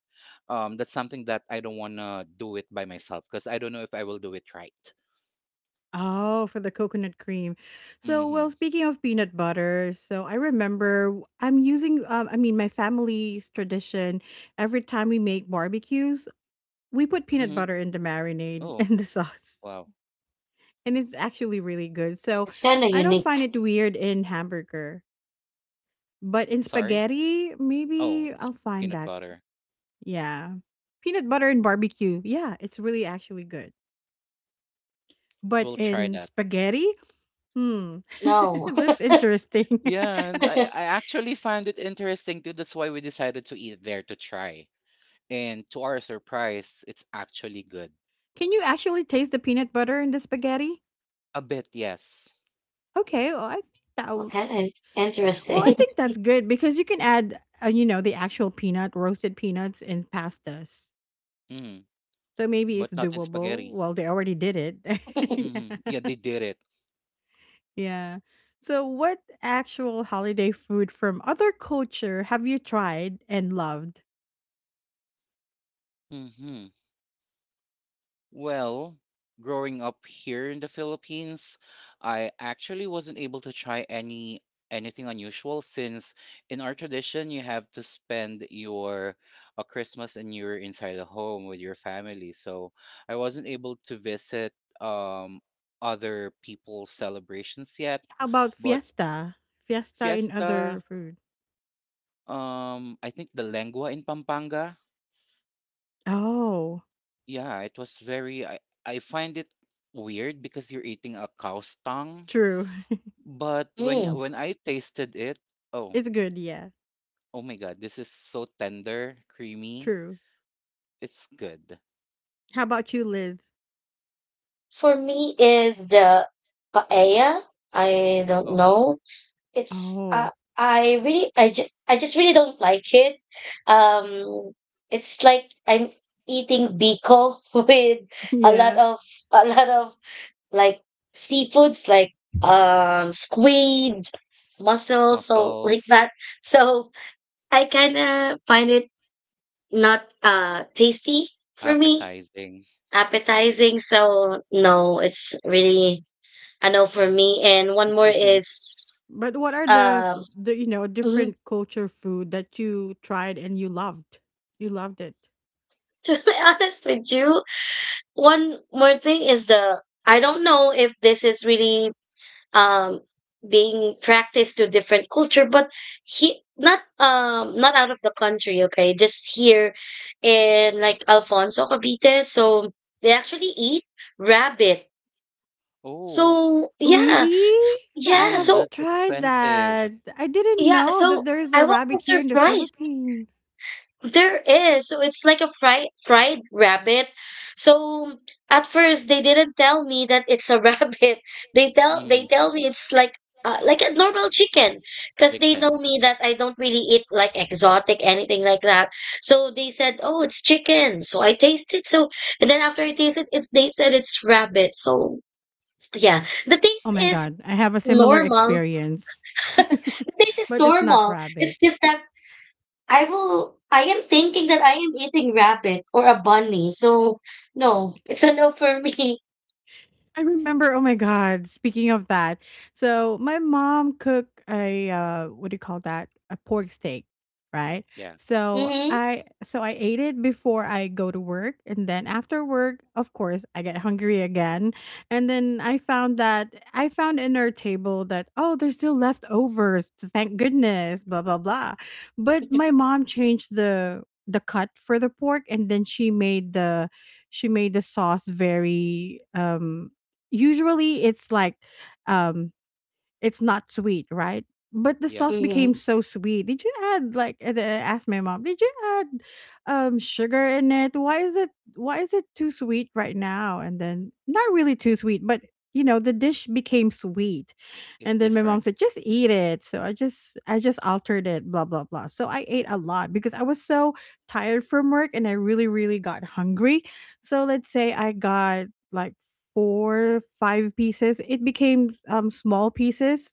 Speaker 2: that's something that I don't wanna do it by myself because I don't know if I will do it right.
Speaker 1: Oh, for the coconut cream. So, well,
Speaker 2: Mm-hmm.
Speaker 1: speaking of peanut butter, so I remember I'm using, I mean, my family's tradition every time we make barbecues, we put peanut
Speaker 2: Mm-hmm.
Speaker 1: butter in the marinade
Speaker 2: Oh
Speaker 1: and the sauce.
Speaker 2: wow.
Speaker 1: And it's actually really good. So,
Speaker 3: It's kind of
Speaker 1: I don't
Speaker 3: unique.
Speaker 1: find it weird in hamburger, but in
Speaker 2: Sorry.
Speaker 1: spaghetti, maybe
Speaker 2: Oh, it's
Speaker 1: I'll find
Speaker 2: peanut
Speaker 1: that.
Speaker 2: butter.
Speaker 1: Yeah. Peanut butter and barbecue. Yeah, it's really actually good. But
Speaker 2: We'll try
Speaker 1: in
Speaker 2: that.
Speaker 1: spaghetti? Hmm.
Speaker 3: No,
Speaker 1: That's interesting.
Speaker 2: Yeah, and I actually find it interesting too. That's why we decided to eat there to try. And to our surprise, it's actually good.
Speaker 1: Can you actually taste the peanut butter in the spaghetti?
Speaker 2: A bit, yes.
Speaker 1: Okay, well, I think that
Speaker 3: well,
Speaker 1: w-
Speaker 3: kind of
Speaker 1: well, I
Speaker 3: interesting.
Speaker 1: think that's good because you can add, the actual peanut, roasted peanuts in pastas.
Speaker 2: Mm,
Speaker 1: So maybe it's
Speaker 2: but not in
Speaker 1: doable.
Speaker 2: spaghetti.
Speaker 1: Well, they already did it.
Speaker 2: Yeah,
Speaker 1: Yeah.
Speaker 2: they did it.
Speaker 1: Yeah. So, what actual holiday food from other culture have you tried and loved?
Speaker 2: hmm Well, growing up here in the Philippines, I actually wasn't able to try anything unusual since in our tradition you have to spend your Christmas and New Year inside the home with your family. So I wasn't able to visit um other people's celebrations yet,
Speaker 1: How about
Speaker 2: but
Speaker 1: fiesta? Fiesta in
Speaker 2: fiesta,
Speaker 1: other food.
Speaker 2: I think the lengua in Pampanga,
Speaker 1: Oh,
Speaker 2: yeah, it was very I find it weird because you're eating a cow's tongue.
Speaker 1: true.
Speaker 2: But when
Speaker 3: Mm.
Speaker 2: when I tasted it, oh,
Speaker 1: It's good, yeah.
Speaker 2: oh my god, this is so tender, creamy.
Speaker 1: True.
Speaker 2: It's good.
Speaker 1: How about you, Liz?
Speaker 3: For me, is the paella. I don't
Speaker 2: Oh,
Speaker 3: know. It's
Speaker 1: Oh,
Speaker 3: I really I, ju- I just really don't like it. Um, it's like I'm eating biko with a lot
Speaker 1: yeah.
Speaker 3: of a lot of like seafoods like squid, mussels, so like
Speaker 2: mussels,
Speaker 3: that. So I kind of find it not tasty for me,
Speaker 2: appetizing.
Speaker 3: appetizing. So no, it's really a no for me. And one more is
Speaker 1: But what are the f-
Speaker 3: um.
Speaker 1: the you know
Speaker 3: Mm-hmm.
Speaker 1: different culture food that you tried and you loved? You loved it.
Speaker 3: To be honest with you, one more thing is the — I don't know if this is really um being practiced to different culture, but he — not not out of the country, okay, just here in like Alfonso Cavite. So they actually eat rabbit.
Speaker 2: Oh,
Speaker 3: So yeah,
Speaker 1: Really? I
Speaker 3: yeah,
Speaker 2: mm,
Speaker 3: so
Speaker 1: haven't
Speaker 2: that's
Speaker 1: tried
Speaker 2: expensive.
Speaker 1: that. I didn't
Speaker 3: yeah,
Speaker 1: know
Speaker 3: so
Speaker 1: that there is
Speaker 3: I
Speaker 1: a
Speaker 3: was so
Speaker 1: rabbit here in the
Speaker 3: surprised.
Speaker 1: Philippines.
Speaker 3: There is. So it's like a fried rabbit. So at first they didn't tell me that it's a rabbit. They tell they
Speaker 2: Mm,
Speaker 3: tell me it's like a normal chicken because they know
Speaker 2: chicken.
Speaker 3: me that I don't really eat like exotic anything like that. So they said, "Oh, it's chicken." So I tasted so and then after I tasted it's they said it's rabbit. So yeah, the
Speaker 1: Oh
Speaker 3: taste
Speaker 1: my
Speaker 3: is
Speaker 1: god, I have a similar
Speaker 3: normal.
Speaker 1: experience.
Speaker 3: The taste is
Speaker 1: But it's not
Speaker 3: normal.
Speaker 1: rabbit.
Speaker 3: It's just that I will. I am thinking that I am eating rabbit or a bunny. So no, it's a no for me.
Speaker 1: I remember, oh my god, speaking of that. So my mom cooked a what do you call that? A pork steak, right?
Speaker 2: Yeah,
Speaker 1: So
Speaker 3: Mm-hmm.
Speaker 1: I so I ate it before I go to work, and then after work, of course, I get hungry again. And then I found in our table that, oh, there's still leftovers. Thank goodness, blah blah blah. But my mom changed the cut for the pork, and then she made the sauce very usually it's like um it's not sweet, right, but the
Speaker 2: yeah,
Speaker 1: sauce
Speaker 3: Mm-hmm.
Speaker 1: became so sweet. Did you add like and I asked my mom, did you add sugar in it? Why is it too sweet right now? And then not really too sweet, but the dish became sweet.
Speaker 2: it's
Speaker 1: And then my mom
Speaker 2: different.
Speaker 1: said, just eat it. So I just altered it, blah blah blah. So I ate a lot because I was so tired from work, and I really got hungry. So let's say I got like four, five pieces. It became small pieces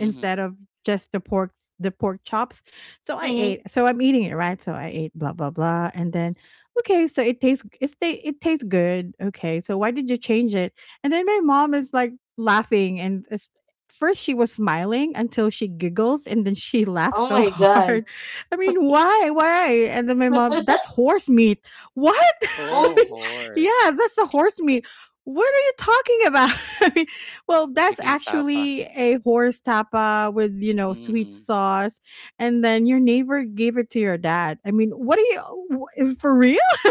Speaker 2: Mm-hmm.
Speaker 1: of just the pork chops. So I
Speaker 3: Mm-hmm.
Speaker 1: ate. So I'm eating it, right? So I ate blah blah blah, and then okay, so it tastes good. Okay. So why did you change it? And then my mom is like laughing and first she was smiling until she giggles, and then she laughs
Speaker 3: Oh
Speaker 1: so
Speaker 3: my god.
Speaker 1: hard. I mean, why? Why? And then my mom, that's horse meat. What?
Speaker 3: Oh.
Speaker 2: Oh, horse.
Speaker 1: Yeah, that's the horse meat. What are you talking about? I well,
Speaker 2: It
Speaker 1: that's
Speaker 2: became tapa.
Speaker 1: actually a horse tapa with, you know, sweet
Speaker 2: Mm-hmm.
Speaker 1: sauce. And then your neighbor gave it to your dad. I mean, what are you, for real?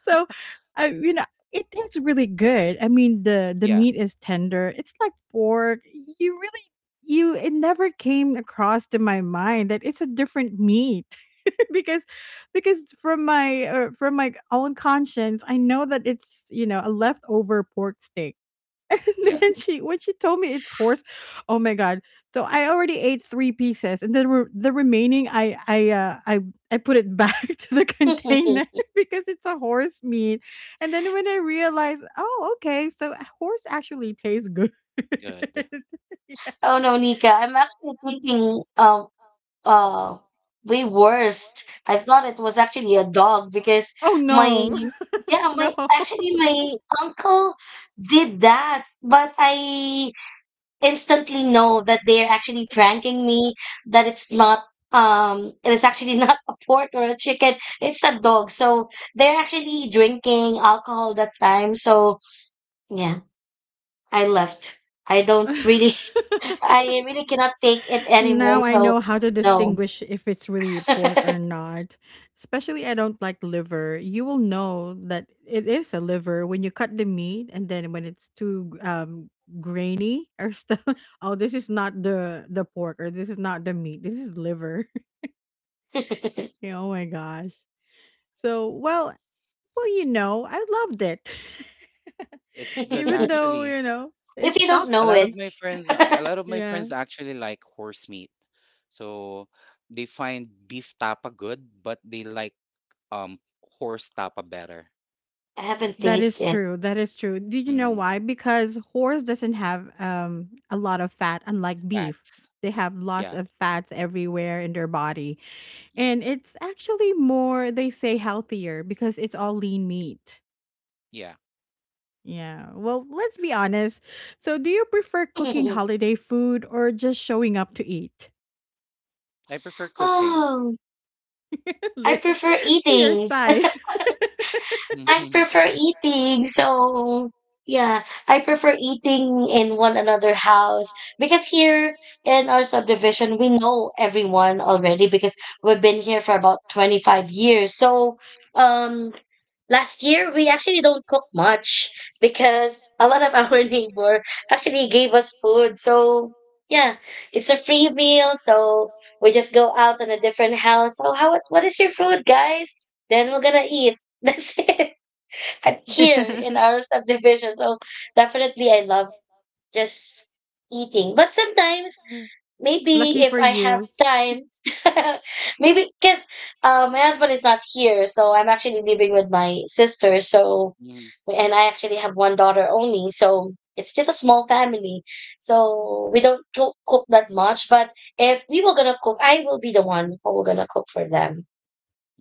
Speaker 1: So, I you know, it tastes really good. I mean, the
Speaker 2: Yeah,
Speaker 1: meat is tender. It's like pork. You really, it never came across to my mind that it's a different meat because, because from my own conscience, I know that it's, you know, a leftover pork steak. And
Speaker 2: yeah,
Speaker 1: then she, when she told me it's horse, oh my god! So I already ate three pieces, and then the remaining, I put it back to the container because it's a horse meat. And then when I realized, oh, okay, so horse actually tastes good.
Speaker 2: good.
Speaker 1: Yeah.
Speaker 3: Oh no, Nika. I'm actually thinking uh way worst. I thought it was actually a dog because
Speaker 1: Oh
Speaker 3: my
Speaker 1: no,
Speaker 3: yeah,
Speaker 1: no.
Speaker 3: my uncle did that, but I instantly know that they're actually pranking me, that it's not it is actually not a pork or a chicken. It's a dog, so they're actually drinking alcohol that time, so yeah, I left. I don't really I really cannot take it anymore,
Speaker 1: Now I
Speaker 3: so
Speaker 1: know how to
Speaker 3: no.
Speaker 1: distinguish if it's really pork or not. Especially I don't like liver. You will know that it is a liver when you cut the meat, and then when it's too grainy or stuff. Oh, this is not the pork, or this is not the meat. This is liver. Yeah, oh my gosh. So, well, you know, I loved it.
Speaker 2: It's good
Speaker 1: Even though,
Speaker 2: actually.
Speaker 1: you know,
Speaker 3: If
Speaker 1: it
Speaker 3: you don't
Speaker 2: A
Speaker 1: shocks
Speaker 3: know
Speaker 2: lot
Speaker 3: it,
Speaker 2: of
Speaker 1: me.
Speaker 2: my a lot of my
Speaker 1: Yeah.
Speaker 2: friends actually like horse meat, so they find beef tapa good, but they like um horse tapa better.
Speaker 3: I haven't
Speaker 1: That is
Speaker 3: tasted
Speaker 1: true. That is true. Do you know
Speaker 2: Mm,
Speaker 1: why? Because horse doesn't have a lot of fat, unlike beef.
Speaker 2: fats,
Speaker 1: They have lots
Speaker 2: yeah.
Speaker 1: of fats everywhere in their body,
Speaker 2: Mm,
Speaker 1: and it's actually more, they say, healthier because it's all lean meat.
Speaker 2: yeah,
Speaker 1: Yeah. Well, let's be honest. So, do you prefer cooking
Speaker 3: it.
Speaker 1: holiday food or just showing up to eat?
Speaker 2: I prefer cooking.
Speaker 3: Oh, I
Speaker 1: Liz,
Speaker 3: prefer
Speaker 1: your
Speaker 3: eating.
Speaker 1: side.
Speaker 3: I prefer eating. So yeah, I prefer eating in one another house because here in our subdivision, we know everyone already because we've been here for about 25 years. So um last year we actually don't cook much because a lot of our neighbor actually gave us food. So yeah, it's a free meal, so we just go out in a different house. So how, what is your food, guys? Then we're gonna eat. That's it, and here in
Speaker 1: Yeah.
Speaker 3: our subdivision. So definitely I love just eating. But sometimes maybe
Speaker 1: Lucky for
Speaker 3: if I have
Speaker 1: you.
Speaker 3: time maybe because my husband is not here, so I'm actually living with my sister, so and I actually have one daughter only, so it's just a small family. So we don't cook that much, but if we were gonna cook, I will be the one who will gonna cook for them.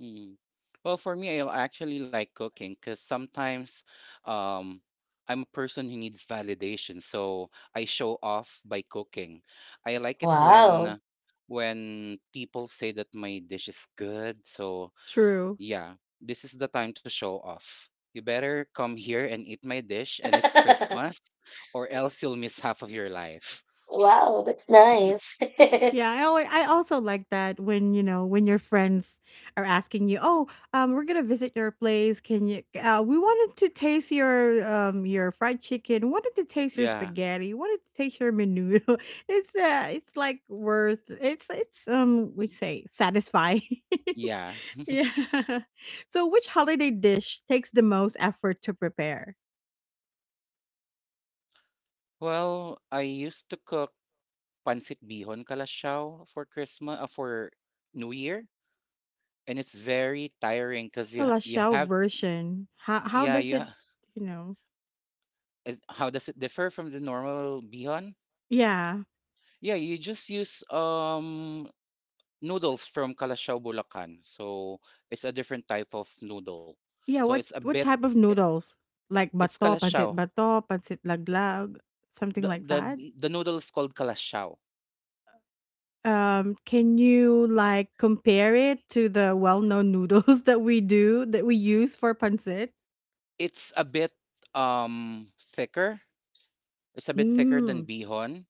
Speaker 2: Mm. Well, for me, I actually like cooking because sometimes um, I'm a person who needs validation, so I show off by cooking. I like it
Speaker 3: Wow.
Speaker 2: when people say that my dish is good. So
Speaker 1: True.
Speaker 2: yeah, this is the time to show off. You better come here and eat my dish, and it's Christmas, or else you'll miss half of your life.
Speaker 3: Wow, that's nice.
Speaker 1: Yeah, I also like that when, you know, when your friends are asking you, "Oh, we're gonna visit your place. Can you we wanted to taste your fried chicken, wanted to taste your
Speaker 2: Yeah,
Speaker 1: spaghetti, wanted to taste your menudo." It's like worth it's we say satisfying.
Speaker 2: yeah.
Speaker 1: Yeah. So which holiday dish takes the most effort to prepare?
Speaker 2: Well, I used to cook pancit bihon kalasyao for Christmas, for New Year, and it's very tiring
Speaker 1: It's the
Speaker 2: because you
Speaker 1: Kalashao
Speaker 2: have
Speaker 1: version. How
Speaker 2: yeah you
Speaker 1: does it,
Speaker 2: ha-
Speaker 1: you know?
Speaker 2: how does it differ from the normal bihon?
Speaker 1: Yeah.
Speaker 2: Yeah, you just use noodles from Kalasyao Bulacan, so it's a different type of noodle.
Speaker 1: Yeah,
Speaker 2: So it's a
Speaker 1: what
Speaker 2: bit
Speaker 1: type of
Speaker 2: I-
Speaker 1: noodles? Like
Speaker 2: it's kalasyao.
Speaker 1: bato, pancit laglag, something
Speaker 2: The
Speaker 1: like that?
Speaker 2: the the noodle is called kalasyao.
Speaker 1: Can you like compare it to the well-known noodles that we use for pancit?
Speaker 2: It's a bit um thicker It's a bit thicker than
Speaker 1: Mm.
Speaker 2: bihon,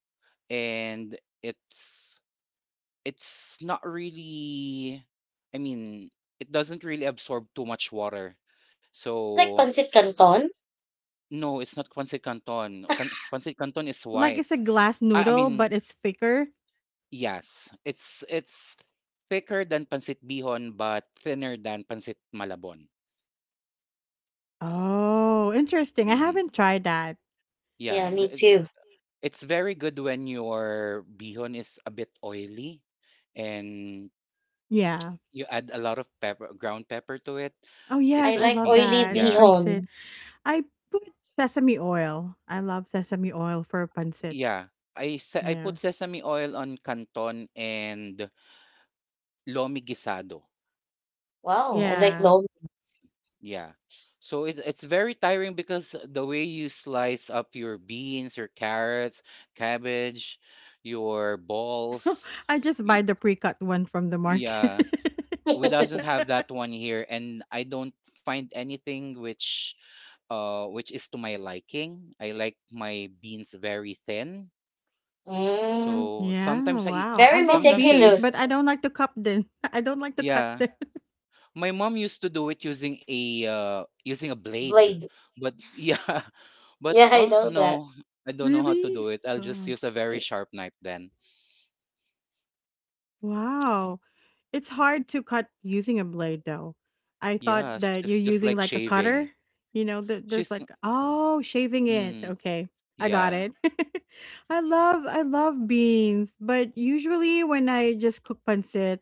Speaker 2: and it's not really. I mean, it doesn't really absorb too much water.
Speaker 3: Like
Speaker 2: So
Speaker 3: pancit canton.
Speaker 2: no, it's not pancit canton. Pancit canton is
Speaker 1: Like
Speaker 2: white.
Speaker 1: it's a glass
Speaker 2: I, I
Speaker 1: noodle,
Speaker 2: mean,
Speaker 1: but it's thicker.
Speaker 2: yes, it's thicker than pancit bihon, but thinner than pancit malabon.
Speaker 1: Oh, interesting. I
Speaker 2: hmm
Speaker 1: haven't tried that.
Speaker 3: Yeah,
Speaker 2: Yeah,
Speaker 3: me too.
Speaker 2: it's very good when your bihon is a bit oily, and
Speaker 1: Yeah.
Speaker 2: you add a lot of pepper, ground pepper to it.
Speaker 1: Oh
Speaker 2: It
Speaker 1: yes,
Speaker 3: I
Speaker 1: I
Speaker 2: would
Speaker 3: like
Speaker 1: love
Speaker 2: be,
Speaker 3: oily
Speaker 1: that in
Speaker 2: yeah,
Speaker 1: pancit.
Speaker 3: bihon.
Speaker 1: I put sesame oil. I love sesame oil for pancit.
Speaker 2: yeah. I
Speaker 1: Yeah.
Speaker 2: put sesame oil on canton and lomi guisado.
Speaker 3: Wow, I like
Speaker 1: Yeah.
Speaker 3: long.
Speaker 2: Yeah. So it's very tiring because the way you slice up your beans, your carrots, cabbage, your balls,
Speaker 1: I just buy
Speaker 2: y-
Speaker 1: the pre-cut one from the market.
Speaker 2: yeah, we doesn't have that one here, and I don't find anything which is to my liking. I like my beans very thin.
Speaker 3: Mm,
Speaker 2: So,
Speaker 1: Yeah,
Speaker 2: sometimes I
Speaker 1: wow. I
Speaker 3: very
Speaker 1: love
Speaker 2: sometimes
Speaker 1: beans,
Speaker 2: I
Speaker 1: but I
Speaker 3: meticulous
Speaker 1: don't like to cup them. I don't like to cut
Speaker 2: yeah,
Speaker 1: them.
Speaker 2: my mom used to do it using a using a blade.
Speaker 3: blade.
Speaker 2: But yeah, but
Speaker 3: Yeah, I
Speaker 2: oh
Speaker 3: know that.
Speaker 2: no, I don't know how to
Speaker 1: Really?
Speaker 2: do it. I'll just
Speaker 1: Oh,
Speaker 2: use a very sharp knife then.
Speaker 1: wow. It's hard to cut using a blade, though. I thought
Speaker 2: Yeah, it's
Speaker 1: that you're
Speaker 2: just like
Speaker 1: using like a
Speaker 2: shaving.
Speaker 1: cutter. You know, there's
Speaker 2: She's,
Speaker 1: like, oh, shaving it.
Speaker 2: mm,
Speaker 1: Okay, I got
Speaker 2: yeah.
Speaker 1: it. I love beans, but usually when I just cook pancit,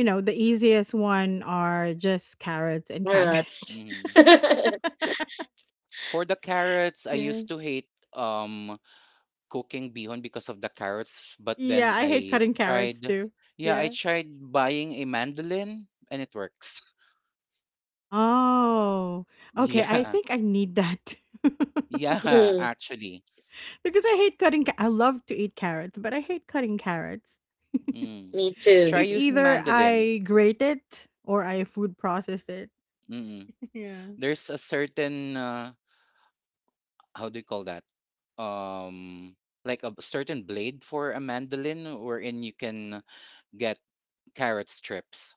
Speaker 1: you know, the easiest one are just carrots and
Speaker 3: Carrots.
Speaker 1: cabbage.
Speaker 2: Mm. For the carrots, I
Speaker 1: Yeah.
Speaker 2: used to hate um cooking bihon because of the carrots, but
Speaker 1: Yeah,
Speaker 2: then
Speaker 1: I hate
Speaker 2: I
Speaker 1: cutting carrots
Speaker 2: tried
Speaker 1: too.
Speaker 2: yeah, I
Speaker 1: Yeah.
Speaker 2: tried buying a mandolin and it works.
Speaker 1: Oh, okay. I
Speaker 2: Yeah.
Speaker 1: think I need that too.
Speaker 2: Yeah,
Speaker 3: Mm,
Speaker 2: actually.
Speaker 1: Because I hate I love to eat carrots, but I hate cutting carrots.
Speaker 2: Mm.
Speaker 3: me
Speaker 2: Try
Speaker 3: too.
Speaker 1: It's
Speaker 2: using
Speaker 1: either
Speaker 2: mandolin.
Speaker 1: I grate it or I food process it.
Speaker 2: Mm.
Speaker 1: Yeah.
Speaker 2: There's a certain how do you call that? Um, like a certain blade for a mandolin, wherein you can get carrot strips,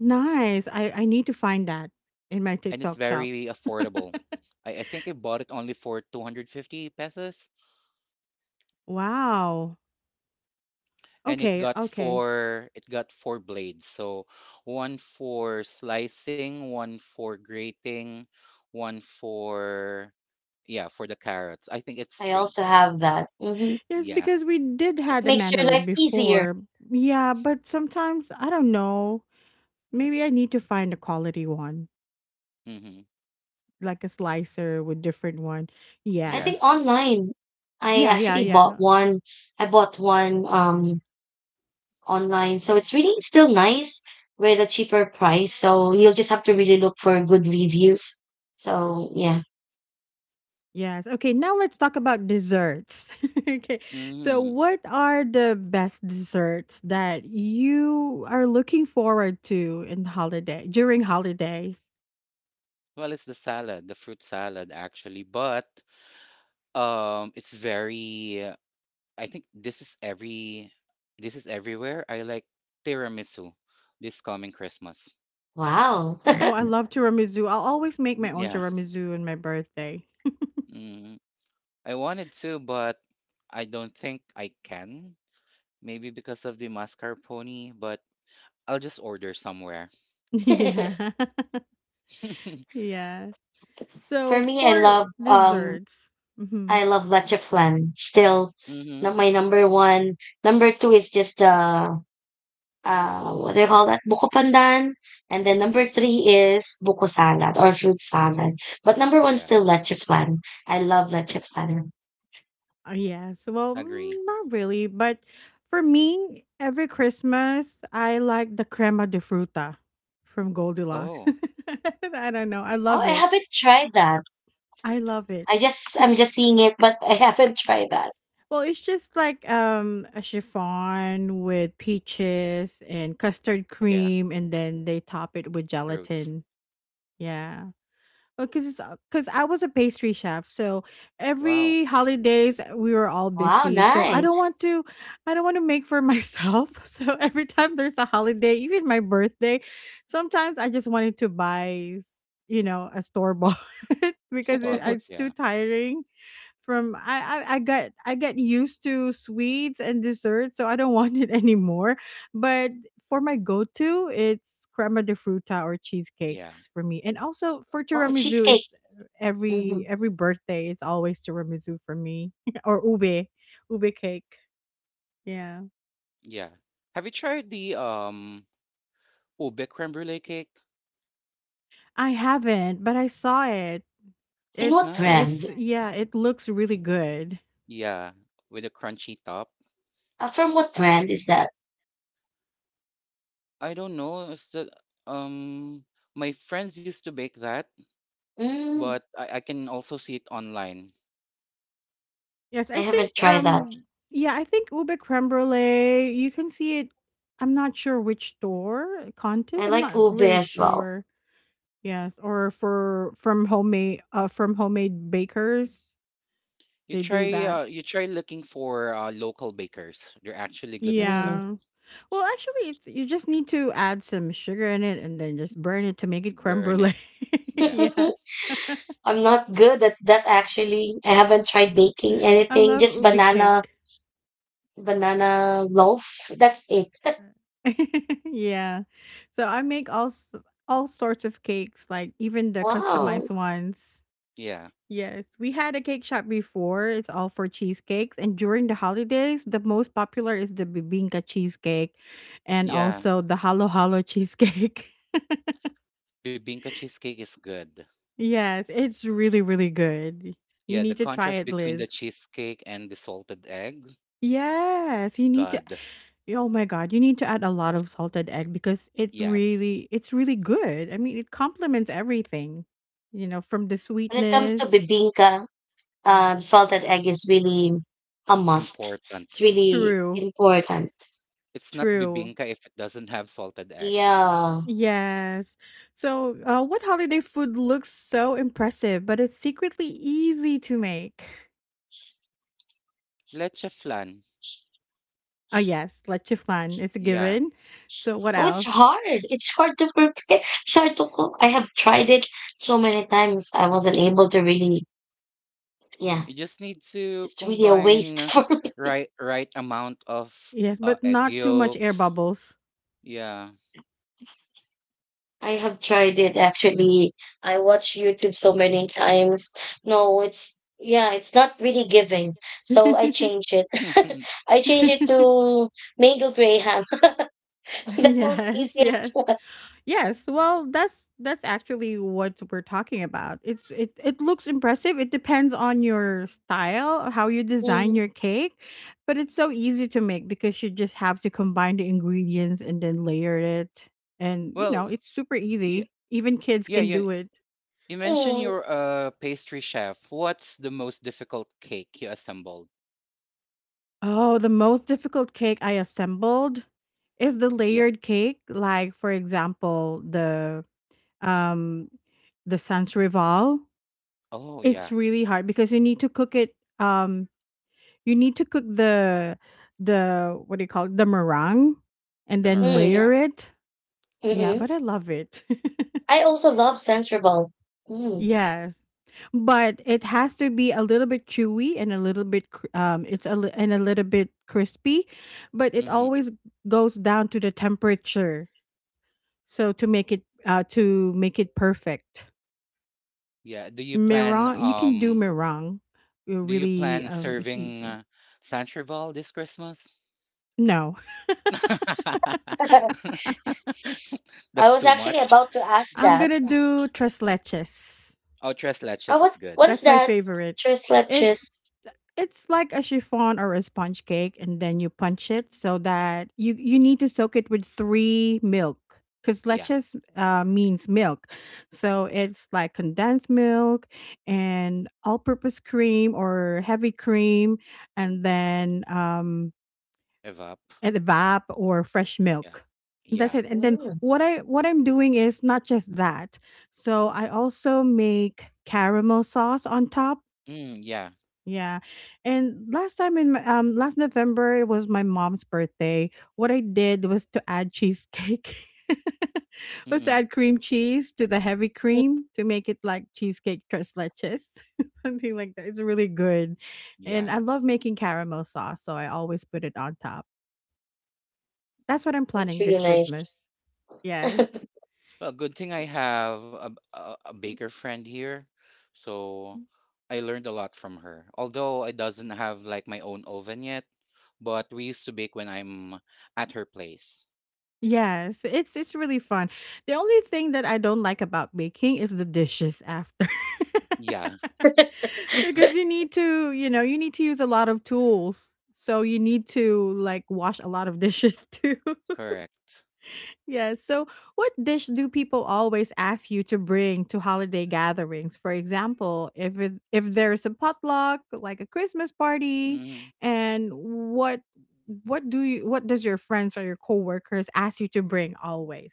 Speaker 1: Nice. I need to find that in my
Speaker 2: and it's
Speaker 1: TikTok
Speaker 2: very
Speaker 1: shop.
Speaker 2: affordable. I think I bought it only for 250 pesos.
Speaker 1: Wow.
Speaker 2: And it got
Speaker 1: Okay.
Speaker 2: four it got four blades, so one for slicing, one for grating, one for yeah, for the carrots, I think it's
Speaker 3: I
Speaker 2: three.
Speaker 3: also have that. Hmm.
Speaker 1: Yes,
Speaker 2: Yeah.
Speaker 1: because we did
Speaker 3: It
Speaker 1: had a
Speaker 3: makes your
Speaker 1: mandolin
Speaker 3: life easier.
Speaker 1: before. Yeah, but sometimes I don't know. Maybe I need to find a quality one,
Speaker 2: Mm-hmm.
Speaker 1: like a slicer with different one.
Speaker 3: I
Speaker 2: Yeah.
Speaker 3: think
Speaker 1: Yes.
Speaker 3: online. I actually bought
Speaker 1: Yeah.
Speaker 3: one. I bought one online. So it's really still nice with a cheaper price. So you'll just have to really look for good reviews. So yeah.
Speaker 1: Yes. Okay, now let's talk about desserts. Okay. So,
Speaker 2: Mm-hmm.
Speaker 1: what are the best desserts that you are looking forward to in holiday during holidays?
Speaker 2: Well, it's the salad, the fruit salad actually, but it's very I think this is every this is everywhere. I like tiramisu this coming Christmas.
Speaker 3: Wow.
Speaker 1: Oh, I love tiramisu. I'll always make
Speaker 2: Mm,
Speaker 1: my own
Speaker 2: yeah.
Speaker 1: tiramisu on my birthday.
Speaker 2: Mm-hmm. I wanted to, but I don't think I can. Maybe because of the mascarpone, but I'll just order somewhere.
Speaker 1: Yeah. Yeah.
Speaker 3: For
Speaker 1: So
Speaker 3: me,
Speaker 1: for desserts, mhm.
Speaker 3: I love leche flan. Still not
Speaker 2: hmm
Speaker 3: my number one. Number two is just the what do you call that? Buko pandan. And then number three is buko salad or fruit salad. But number one
Speaker 2: Yeah,
Speaker 3: still leche flan. I love leche flan.
Speaker 1: Yes. Well,
Speaker 2: agree.
Speaker 1: mm, not really, but for me, every Christmas I like the crema de fruta from Goldilocks.
Speaker 2: Oh,
Speaker 1: I don't know. I
Speaker 3: Oh,
Speaker 1: love
Speaker 3: I
Speaker 1: it.
Speaker 3: haven't tried that.
Speaker 1: I love
Speaker 3: I
Speaker 1: it.
Speaker 3: just I'm just seeing it, but I haven't tried that.
Speaker 1: Well, it's just like a chiffon with peaches and custard
Speaker 2: yeah,
Speaker 1: cream, and then they top it with
Speaker 2: fruits.
Speaker 1: gelatin. Yeah. because it's because I was a pastry chef, so
Speaker 2: Wow,
Speaker 1: every holidays we were all
Speaker 3: Wow,
Speaker 1: busy. So
Speaker 3: nice.
Speaker 1: I don't want to make for myself. So every time there's a holiday, even my birthday, sometimes I just wanted to buy, you know, a store bought, because
Speaker 2: store bought.
Speaker 1: it's too
Speaker 2: Yeah,
Speaker 1: tiring from I got used to sweets and desserts, so I don't want it anymore. But for my go-to, it's crema de fruta or
Speaker 2: yeah,
Speaker 1: cheesecakes for me. And also for
Speaker 3: Oh,
Speaker 1: tiramisu,
Speaker 3: cheesecake.
Speaker 1: it's
Speaker 3: Hmm.
Speaker 1: every birthday, it's always tiramisu for me, or ube cake. Yeah,
Speaker 2: yeah. Have you tried the ube creme brulee cake?
Speaker 1: I haven't, but I saw it.
Speaker 3: In
Speaker 2: It's
Speaker 3: what
Speaker 1: It's
Speaker 3: brand?
Speaker 2: nice.
Speaker 1: yeah, it looks really good.
Speaker 2: Yeah, with a crunchy top.
Speaker 3: From what
Speaker 2: I I
Speaker 3: brand is that?
Speaker 2: I don't know. It's the um my friends used to bake that,
Speaker 3: Mm,
Speaker 2: but I can also see it online.
Speaker 1: Yes,
Speaker 3: I
Speaker 1: I
Speaker 3: haven't
Speaker 1: think,
Speaker 3: tried that.
Speaker 1: yeah, I think ube creme brulee, you can see it. I'm not sure which store, contest.
Speaker 3: I
Speaker 1: I'm
Speaker 3: like
Speaker 1: not
Speaker 3: ube
Speaker 1: really
Speaker 3: as well.
Speaker 1: sure. Yes, or for from homemade bakers, they do that.
Speaker 2: You try looking for local bakers. They're actually good as
Speaker 3: Mm.
Speaker 2: well.
Speaker 1: Yeah. Well, actually, it's you just need to add some sugar in it, and then just burn it to make it creme
Speaker 2: Burn it.
Speaker 1: brulee.
Speaker 2: Yeah.
Speaker 1: Yeah,
Speaker 3: I'm not good at that actually. I haven't tried baking
Speaker 1: I
Speaker 3: anything.
Speaker 1: love
Speaker 3: Just
Speaker 1: ube cake.
Speaker 3: banana loaf. That's it.
Speaker 1: Yeah. So I make all sorts of cakes, like even the
Speaker 3: Wow.
Speaker 1: customized ones.
Speaker 2: Yeah.
Speaker 1: Yes, we had a cake shop before. It's all for cheesecakes, and during the holidays, the most popular is the bibinka cheesecake, and
Speaker 2: Yeah.
Speaker 1: also the halo halo cheesecake.
Speaker 2: Bibinka cheesecake is good.
Speaker 1: Yes, it's really good. You
Speaker 2: Yeah, the
Speaker 1: need to try
Speaker 2: contrast
Speaker 1: it,
Speaker 2: between the
Speaker 1: Liz.
Speaker 2: cheesecake and the salted egg.
Speaker 1: Yes, you need to.
Speaker 2: God.
Speaker 1: Yeah, oh my god, you need to add a lot of salted egg because
Speaker 2: Yes.
Speaker 1: it's really good. I mean, it complements everything. You know, from the
Speaker 3: When it comes to
Speaker 1: sweetness.
Speaker 3: bibinka,
Speaker 1: Yeah.
Speaker 3: salted egg is really a must. It's
Speaker 2: Important.
Speaker 3: really
Speaker 1: True.
Speaker 3: important.
Speaker 2: It's not
Speaker 1: True.
Speaker 2: bibinka if it doesn't have salted egg.
Speaker 3: Yeah.
Speaker 1: Yes. So, what holiday food looks so impressive, but it's secretly easy to make?
Speaker 2: Leche flan.
Speaker 1: Oh, yes, leche flan. It's a
Speaker 2: Yeah.
Speaker 1: given. So, what
Speaker 3: Oh, it's
Speaker 2: It's
Speaker 1: else?
Speaker 3: hard. It's hard to prepare. It's hard to cook. I have tried it so many times. I wasn't able to really, yeah.
Speaker 2: you just need to
Speaker 3: It's really a waste
Speaker 2: combine
Speaker 3: for me.
Speaker 2: right amount of
Speaker 1: Yes, but
Speaker 2: egg
Speaker 1: not too much air
Speaker 2: yolks.
Speaker 1: bubbles.
Speaker 2: Yeah.
Speaker 3: I have tried it actually. I watch YouTube so many times. No, it's yeah, it's not really giving. So I change it. I change it to mango graham, the most
Speaker 1: Yes,
Speaker 3: easiest
Speaker 1: yes.
Speaker 3: one.
Speaker 1: Yes, well, that's actually what we're talking about. It it looks impressive. It depends on your style, how you design
Speaker 3: Mm,
Speaker 1: your cake, but it's so easy to make because you just have to combine the ingredients and then layer it. And you
Speaker 2: Well,
Speaker 1: know, it's super easy. Even kids
Speaker 2: yeah,
Speaker 1: can
Speaker 2: you
Speaker 1: do it.
Speaker 2: you mentioned
Speaker 3: mm,
Speaker 2: you're a pastry chef. What's the most difficult cake you assembled?
Speaker 1: Oh, the most difficult cake I assembled is the
Speaker 2: Yeah.
Speaker 1: layered cake, like for example, um the sans rival.
Speaker 2: Oh,
Speaker 1: It's
Speaker 2: yeah.
Speaker 1: really hard because um you need to cook the what do you call it? The meringue, and
Speaker 2: The
Speaker 1: then
Speaker 2: meringue,
Speaker 3: mm,
Speaker 1: layer
Speaker 2: yeah.
Speaker 1: it.
Speaker 3: mm,
Speaker 1: Yeah,
Speaker 3: mm.
Speaker 1: but I love it.
Speaker 3: I also love Sensorball. Mm.
Speaker 1: Yes. But it has to be a little bit chewy and a little bit cr- it's a li- and a little bit crispy, but it
Speaker 2: hmm
Speaker 1: always goes down to the temperature. So to make it perfect.
Speaker 2: Yeah. Do you plan
Speaker 1: Meringue, you can do meringue. You're really it's
Speaker 2: serving
Speaker 1: easy.
Speaker 2: Sancherval this Christmas?
Speaker 1: No.
Speaker 3: I
Speaker 2: That's
Speaker 3: was
Speaker 2: too
Speaker 3: actually
Speaker 2: much.
Speaker 3: about to ask
Speaker 1: I'm
Speaker 3: that.
Speaker 1: gonna do tres leches.
Speaker 2: Oh, tres leches
Speaker 3: Oh,
Speaker 2: is good.
Speaker 3: what is
Speaker 1: That's my
Speaker 3: that?
Speaker 1: favorite.
Speaker 3: Tres leches.
Speaker 1: It's it's like a chiffon or a sponge cake, and then you punch it so that you need to soak it with 3 milk, cuz
Speaker 2: Yeah.
Speaker 1: leches means milk. So it's like condensed milk and all-purpose cream or heavy cream, and then
Speaker 2: Evap.
Speaker 1: and the vap or fresh
Speaker 2: Yeah.
Speaker 1: milk. And that's
Speaker 2: Yeah.
Speaker 1: it. And then
Speaker 3: Mm,
Speaker 1: what I'm doing is not just that. So I also make caramel sauce on top,
Speaker 2: Mm, yeah.
Speaker 1: yeah. And last time in my, last November, it was my mom's birthday. What I did was to add cheesecake. Was to
Speaker 2: Mm-mm.
Speaker 1: add cream cheese to the heavy cream to make it like cheesecake tres leches. Something like that. It's really good. And I
Speaker 2: Yeah.
Speaker 1: love making caramel sauce, so I always put it on top. That's what I'm
Speaker 3: it's
Speaker 1: planning
Speaker 3: really
Speaker 1: this
Speaker 3: nice.
Speaker 1: Christmas. Yes.
Speaker 2: Well, good thing I have a baker friend here. So I learned a lot from her. Although I doesn't have like my own oven yet, but we used to bake when I'm at her place.
Speaker 1: Yes, it's really fun. The only thing that I don't like about baking is the dishes after.
Speaker 2: Yeah,
Speaker 1: Because you need to, you need to use a lot of tools. So you need to like wash a lot of dishes too.
Speaker 2: correct.
Speaker 1: Yes. So, what dish do people always ask you to bring to holiday gatherings? For example, if there's a potluck, like a Christmas party,
Speaker 2: Mhm.
Speaker 1: and what do you, what does your friends or your coworkers ask you to bring always?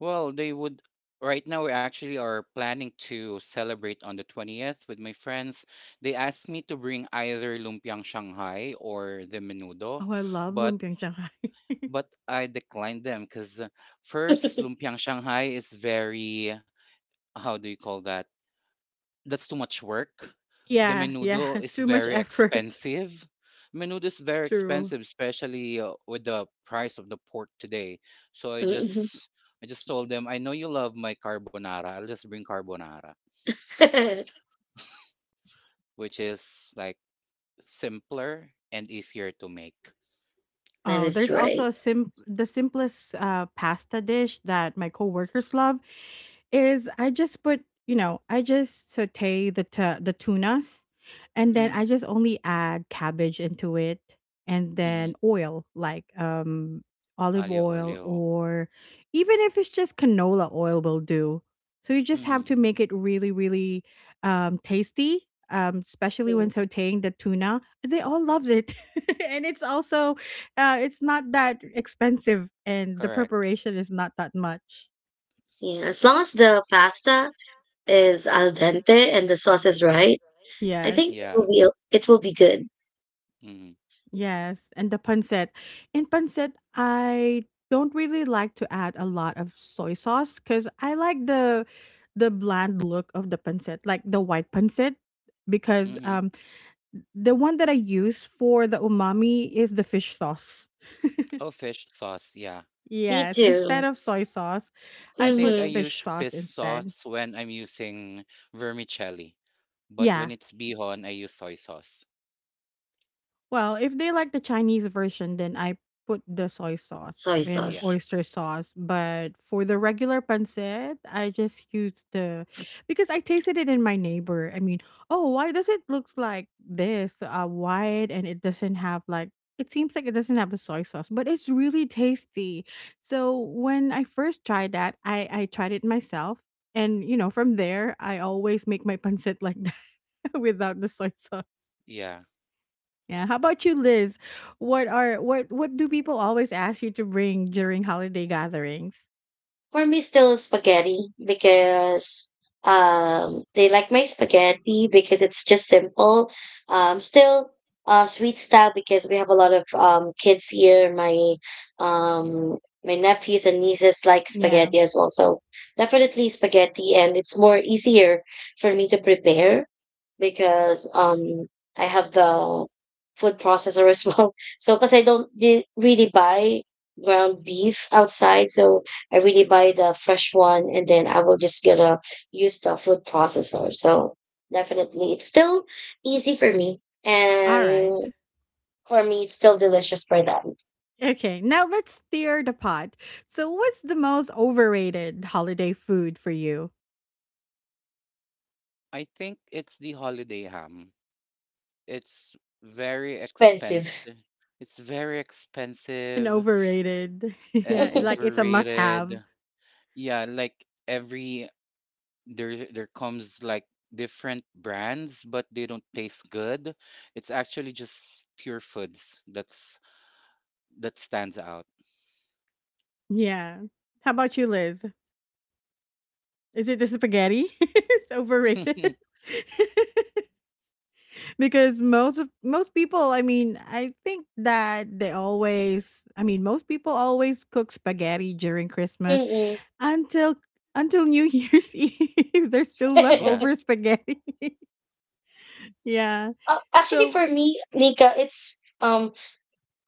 Speaker 2: Well, they would right now we actually are planning to celebrate on the 20th with my friends. They asked me to bring either lumpiang Shanghai or the menudo,
Speaker 1: Oh, I love
Speaker 2: but
Speaker 1: lumpiang Shanghai.
Speaker 2: I declined them because 'cause first, lumpiang Shanghai is very how do you call that? That's too much work. The
Speaker 1: Yeah, yeah.
Speaker 2: menudo is
Speaker 1: Too much
Speaker 2: very
Speaker 1: effort.
Speaker 2: expensive. Menudo is very
Speaker 1: True.
Speaker 2: expensive, especially with the price of the pork today. So
Speaker 3: Mhm.
Speaker 2: I just told them, I know you love my carbonara. I'll just bring carbonara, which is like simpler and easier to make.
Speaker 3: That
Speaker 1: Oh,
Speaker 3: is
Speaker 1: there's also
Speaker 3: right.
Speaker 1: a sim the simplest pasta dish that my coworkers love is I just put, I just saute the tunas and then
Speaker 2: Mm-hmm.
Speaker 1: I just only add cabbage into it and then
Speaker 2: Mm-hmm.
Speaker 1: oil like olive
Speaker 2: Alio
Speaker 1: oil,
Speaker 2: olio.
Speaker 1: or even if it's just canola oil will do. So you just
Speaker 2: Mm-hmm.
Speaker 1: have to make it really, really tasty. Especially when
Speaker 3: Mm,
Speaker 1: sauteing the tuna, they all loved it, and it's also it's not that expensive and the
Speaker 2: Correct.
Speaker 1: preparation is not that much.
Speaker 3: yeah, as long as the pasta is al dente and the sauce is right, I think
Speaker 1: Yes.
Speaker 2: Yeah.
Speaker 3: it will be good.
Speaker 2: Mm-hmm.
Speaker 1: Yes, and the pancit. In pancit, I don't really like to add a lot of soy sauce cuz I like the bland look of the pancit, like the white pancit because
Speaker 2: Mm-hmm.
Speaker 1: the one that I use for the umami is the fish sauce.
Speaker 2: Oh, fish sauce, yeah.
Speaker 3: Me
Speaker 1: Yes, instead
Speaker 3: too.
Speaker 1: of soy sauce,
Speaker 2: I
Speaker 1: I
Speaker 2: think
Speaker 1: put
Speaker 2: I
Speaker 3: Mm-hmm.
Speaker 1: fish
Speaker 2: use
Speaker 1: sauce
Speaker 2: fish
Speaker 1: instead.
Speaker 2: sauce when I'm using vermicelli, but when
Speaker 1: Yeah.
Speaker 2: it's bihon, I use soy sauce.
Speaker 1: Well, if they like the Chinese version, then I put the soy sauce
Speaker 3: Soy
Speaker 1: and
Speaker 2: Yeah,
Speaker 3: sauce.
Speaker 1: oyster sauce. But for the regular pancit, I just use the, because I tasted it in my neighbor. I mean, oh, why does it looks like this wide, and it doesn't have like, it seems like it doesn't have the soy sauce, but it's really tasty. So when I first tried that, I tried it myself. And you know, from there, I always make my pancit like that without the soy sauce.
Speaker 2: yeah.
Speaker 1: Yeah. How about you, Liz? What are, what do people always ask you to bring during holiday gatherings?
Speaker 3: For me, still spaghetti because they like my spaghetti because it's just simple. Still sweet style because we have a lot of kids here. My
Speaker 2: hmm
Speaker 3: my nephews and nieces like
Speaker 1: Yeah.
Speaker 3: spaghetti as well. So definitely spaghetti, and it's more easier for me to prepare because I have the food processor as well. So because I don't really buy ground beef outside, so I really buy the fresh one and then I will just gonna use the food processor. So definitely it's still easy for me.
Speaker 1: All right.
Speaker 3: And for me it's still delicious for them.
Speaker 1: Okay. Now let's steer the pot. So what's the most overrated holiday food for you?
Speaker 2: I think it's the holiday ham. It's very
Speaker 3: Expensive.
Speaker 2: expensive. It's very
Speaker 1: An
Speaker 2: expensive
Speaker 1: overrated.
Speaker 2: and
Speaker 1: Yeah. Like it's a must have.
Speaker 2: overrated. Yeah, like every there there comes like different brands, but they don't taste good. It's actually just pure foods that's that stands out.
Speaker 1: Yeah. How about you, Liz? Is it the spaghetti? It's overrated. Because most people, I mean, I think that they always, I mean, most people always cook spaghetti during Christmas
Speaker 3: Mm-mm.
Speaker 1: until until New Year's Eve. There's still
Speaker 2: Yeah,
Speaker 1: leftover spaghetti. Yeah.
Speaker 3: Actually
Speaker 1: So
Speaker 3: for me, Nika, it's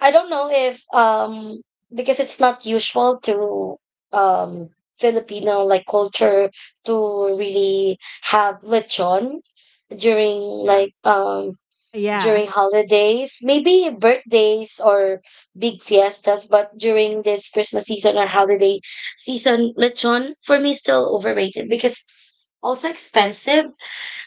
Speaker 3: I don't know if because it's not usual to um Filipino like culture to really have lechon during
Speaker 2: yeah,
Speaker 3: like
Speaker 1: yeah.
Speaker 3: during holidays, maybe birthdays or big fiestas, but during this Christmas season or holiday season, lechon for me is still overrated because it's also expensive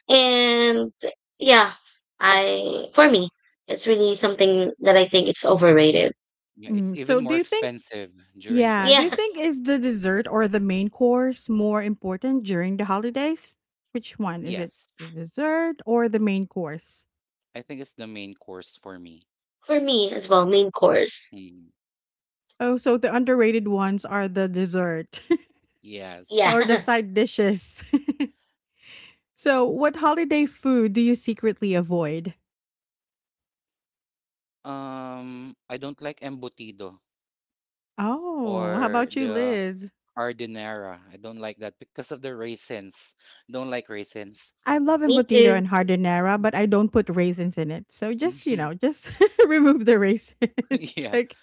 Speaker 3: and yeah, I for me it's really something that I think it's overrated.
Speaker 2: yeah. It's
Speaker 1: Mm,
Speaker 2: even
Speaker 1: so do
Speaker 2: more
Speaker 1: you think?
Speaker 2: expensive during
Speaker 1: Yeah. Do
Speaker 3: Yeah,
Speaker 1: you
Speaker 2: Christmas.
Speaker 1: think is the dessert or the main course more important during the holidays? Which one is it?
Speaker 2: Yes,
Speaker 1: The dessert or the main course?
Speaker 2: I think it's the main course for me.
Speaker 3: for me as well, main course.
Speaker 2: Mm,
Speaker 1: Oh, so the underrated ones are the dessert.
Speaker 2: yes.
Speaker 1: Or the
Speaker 3: Yeah,
Speaker 1: side dishes. So, what holiday food do you secretly avoid?
Speaker 2: I don't like embutido
Speaker 1: Oh, how
Speaker 2: or
Speaker 1: about you,
Speaker 2: the
Speaker 1: Liz?
Speaker 2: ardinera. I don't like that because of the raisins. Don't like raisins.
Speaker 1: I love
Speaker 3: me
Speaker 1: embutido
Speaker 3: too.
Speaker 1: and hardinera, but I don't put raisins in it. So just, you know, just remove the raisins.
Speaker 2: Yeah,
Speaker 1: Like,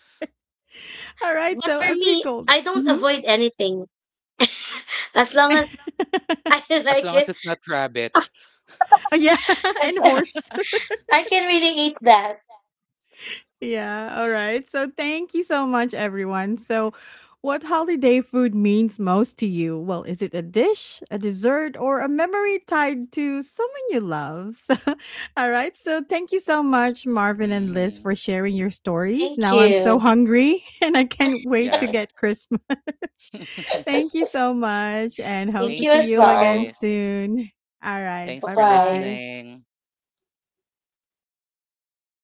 Speaker 1: all right.
Speaker 3: But
Speaker 1: So
Speaker 3: for
Speaker 1: as we
Speaker 3: me,
Speaker 1: go,
Speaker 3: I don't
Speaker 1: mm-hmm.
Speaker 3: avoid anything as long as I
Speaker 2: as long
Speaker 3: like
Speaker 2: as
Speaker 3: it.
Speaker 2: it's not rabbit.
Speaker 1: Yeah,
Speaker 3: As
Speaker 1: and horse.
Speaker 3: I can really eat that.
Speaker 1: Yeah, alright. So thank you so much, everyone. So, what holiday food means most to you? Well, is it a dish, a dessert, or a memory tied to someone you love? So, all right. So, thank you so much, Marvin and Liz,
Speaker 2: Hmm
Speaker 1: for sharing your stories.
Speaker 3: Thank
Speaker 1: Now I'm so
Speaker 3: you.
Speaker 1: hungry and I can't wait
Speaker 2: Yeah.
Speaker 1: to get Christmas. Thank you so much and hope
Speaker 3: Thank
Speaker 1: to
Speaker 2: Thank
Speaker 3: you
Speaker 1: see
Speaker 2: you
Speaker 3: as
Speaker 1: you again
Speaker 3: well.
Speaker 2: guys.
Speaker 1: soon. All right.
Speaker 2: Thanks
Speaker 3: Bye
Speaker 1: Bye
Speaker 2: for
Speaker 3: bye.
Speaker 1: bye.
Speaker 2: listening.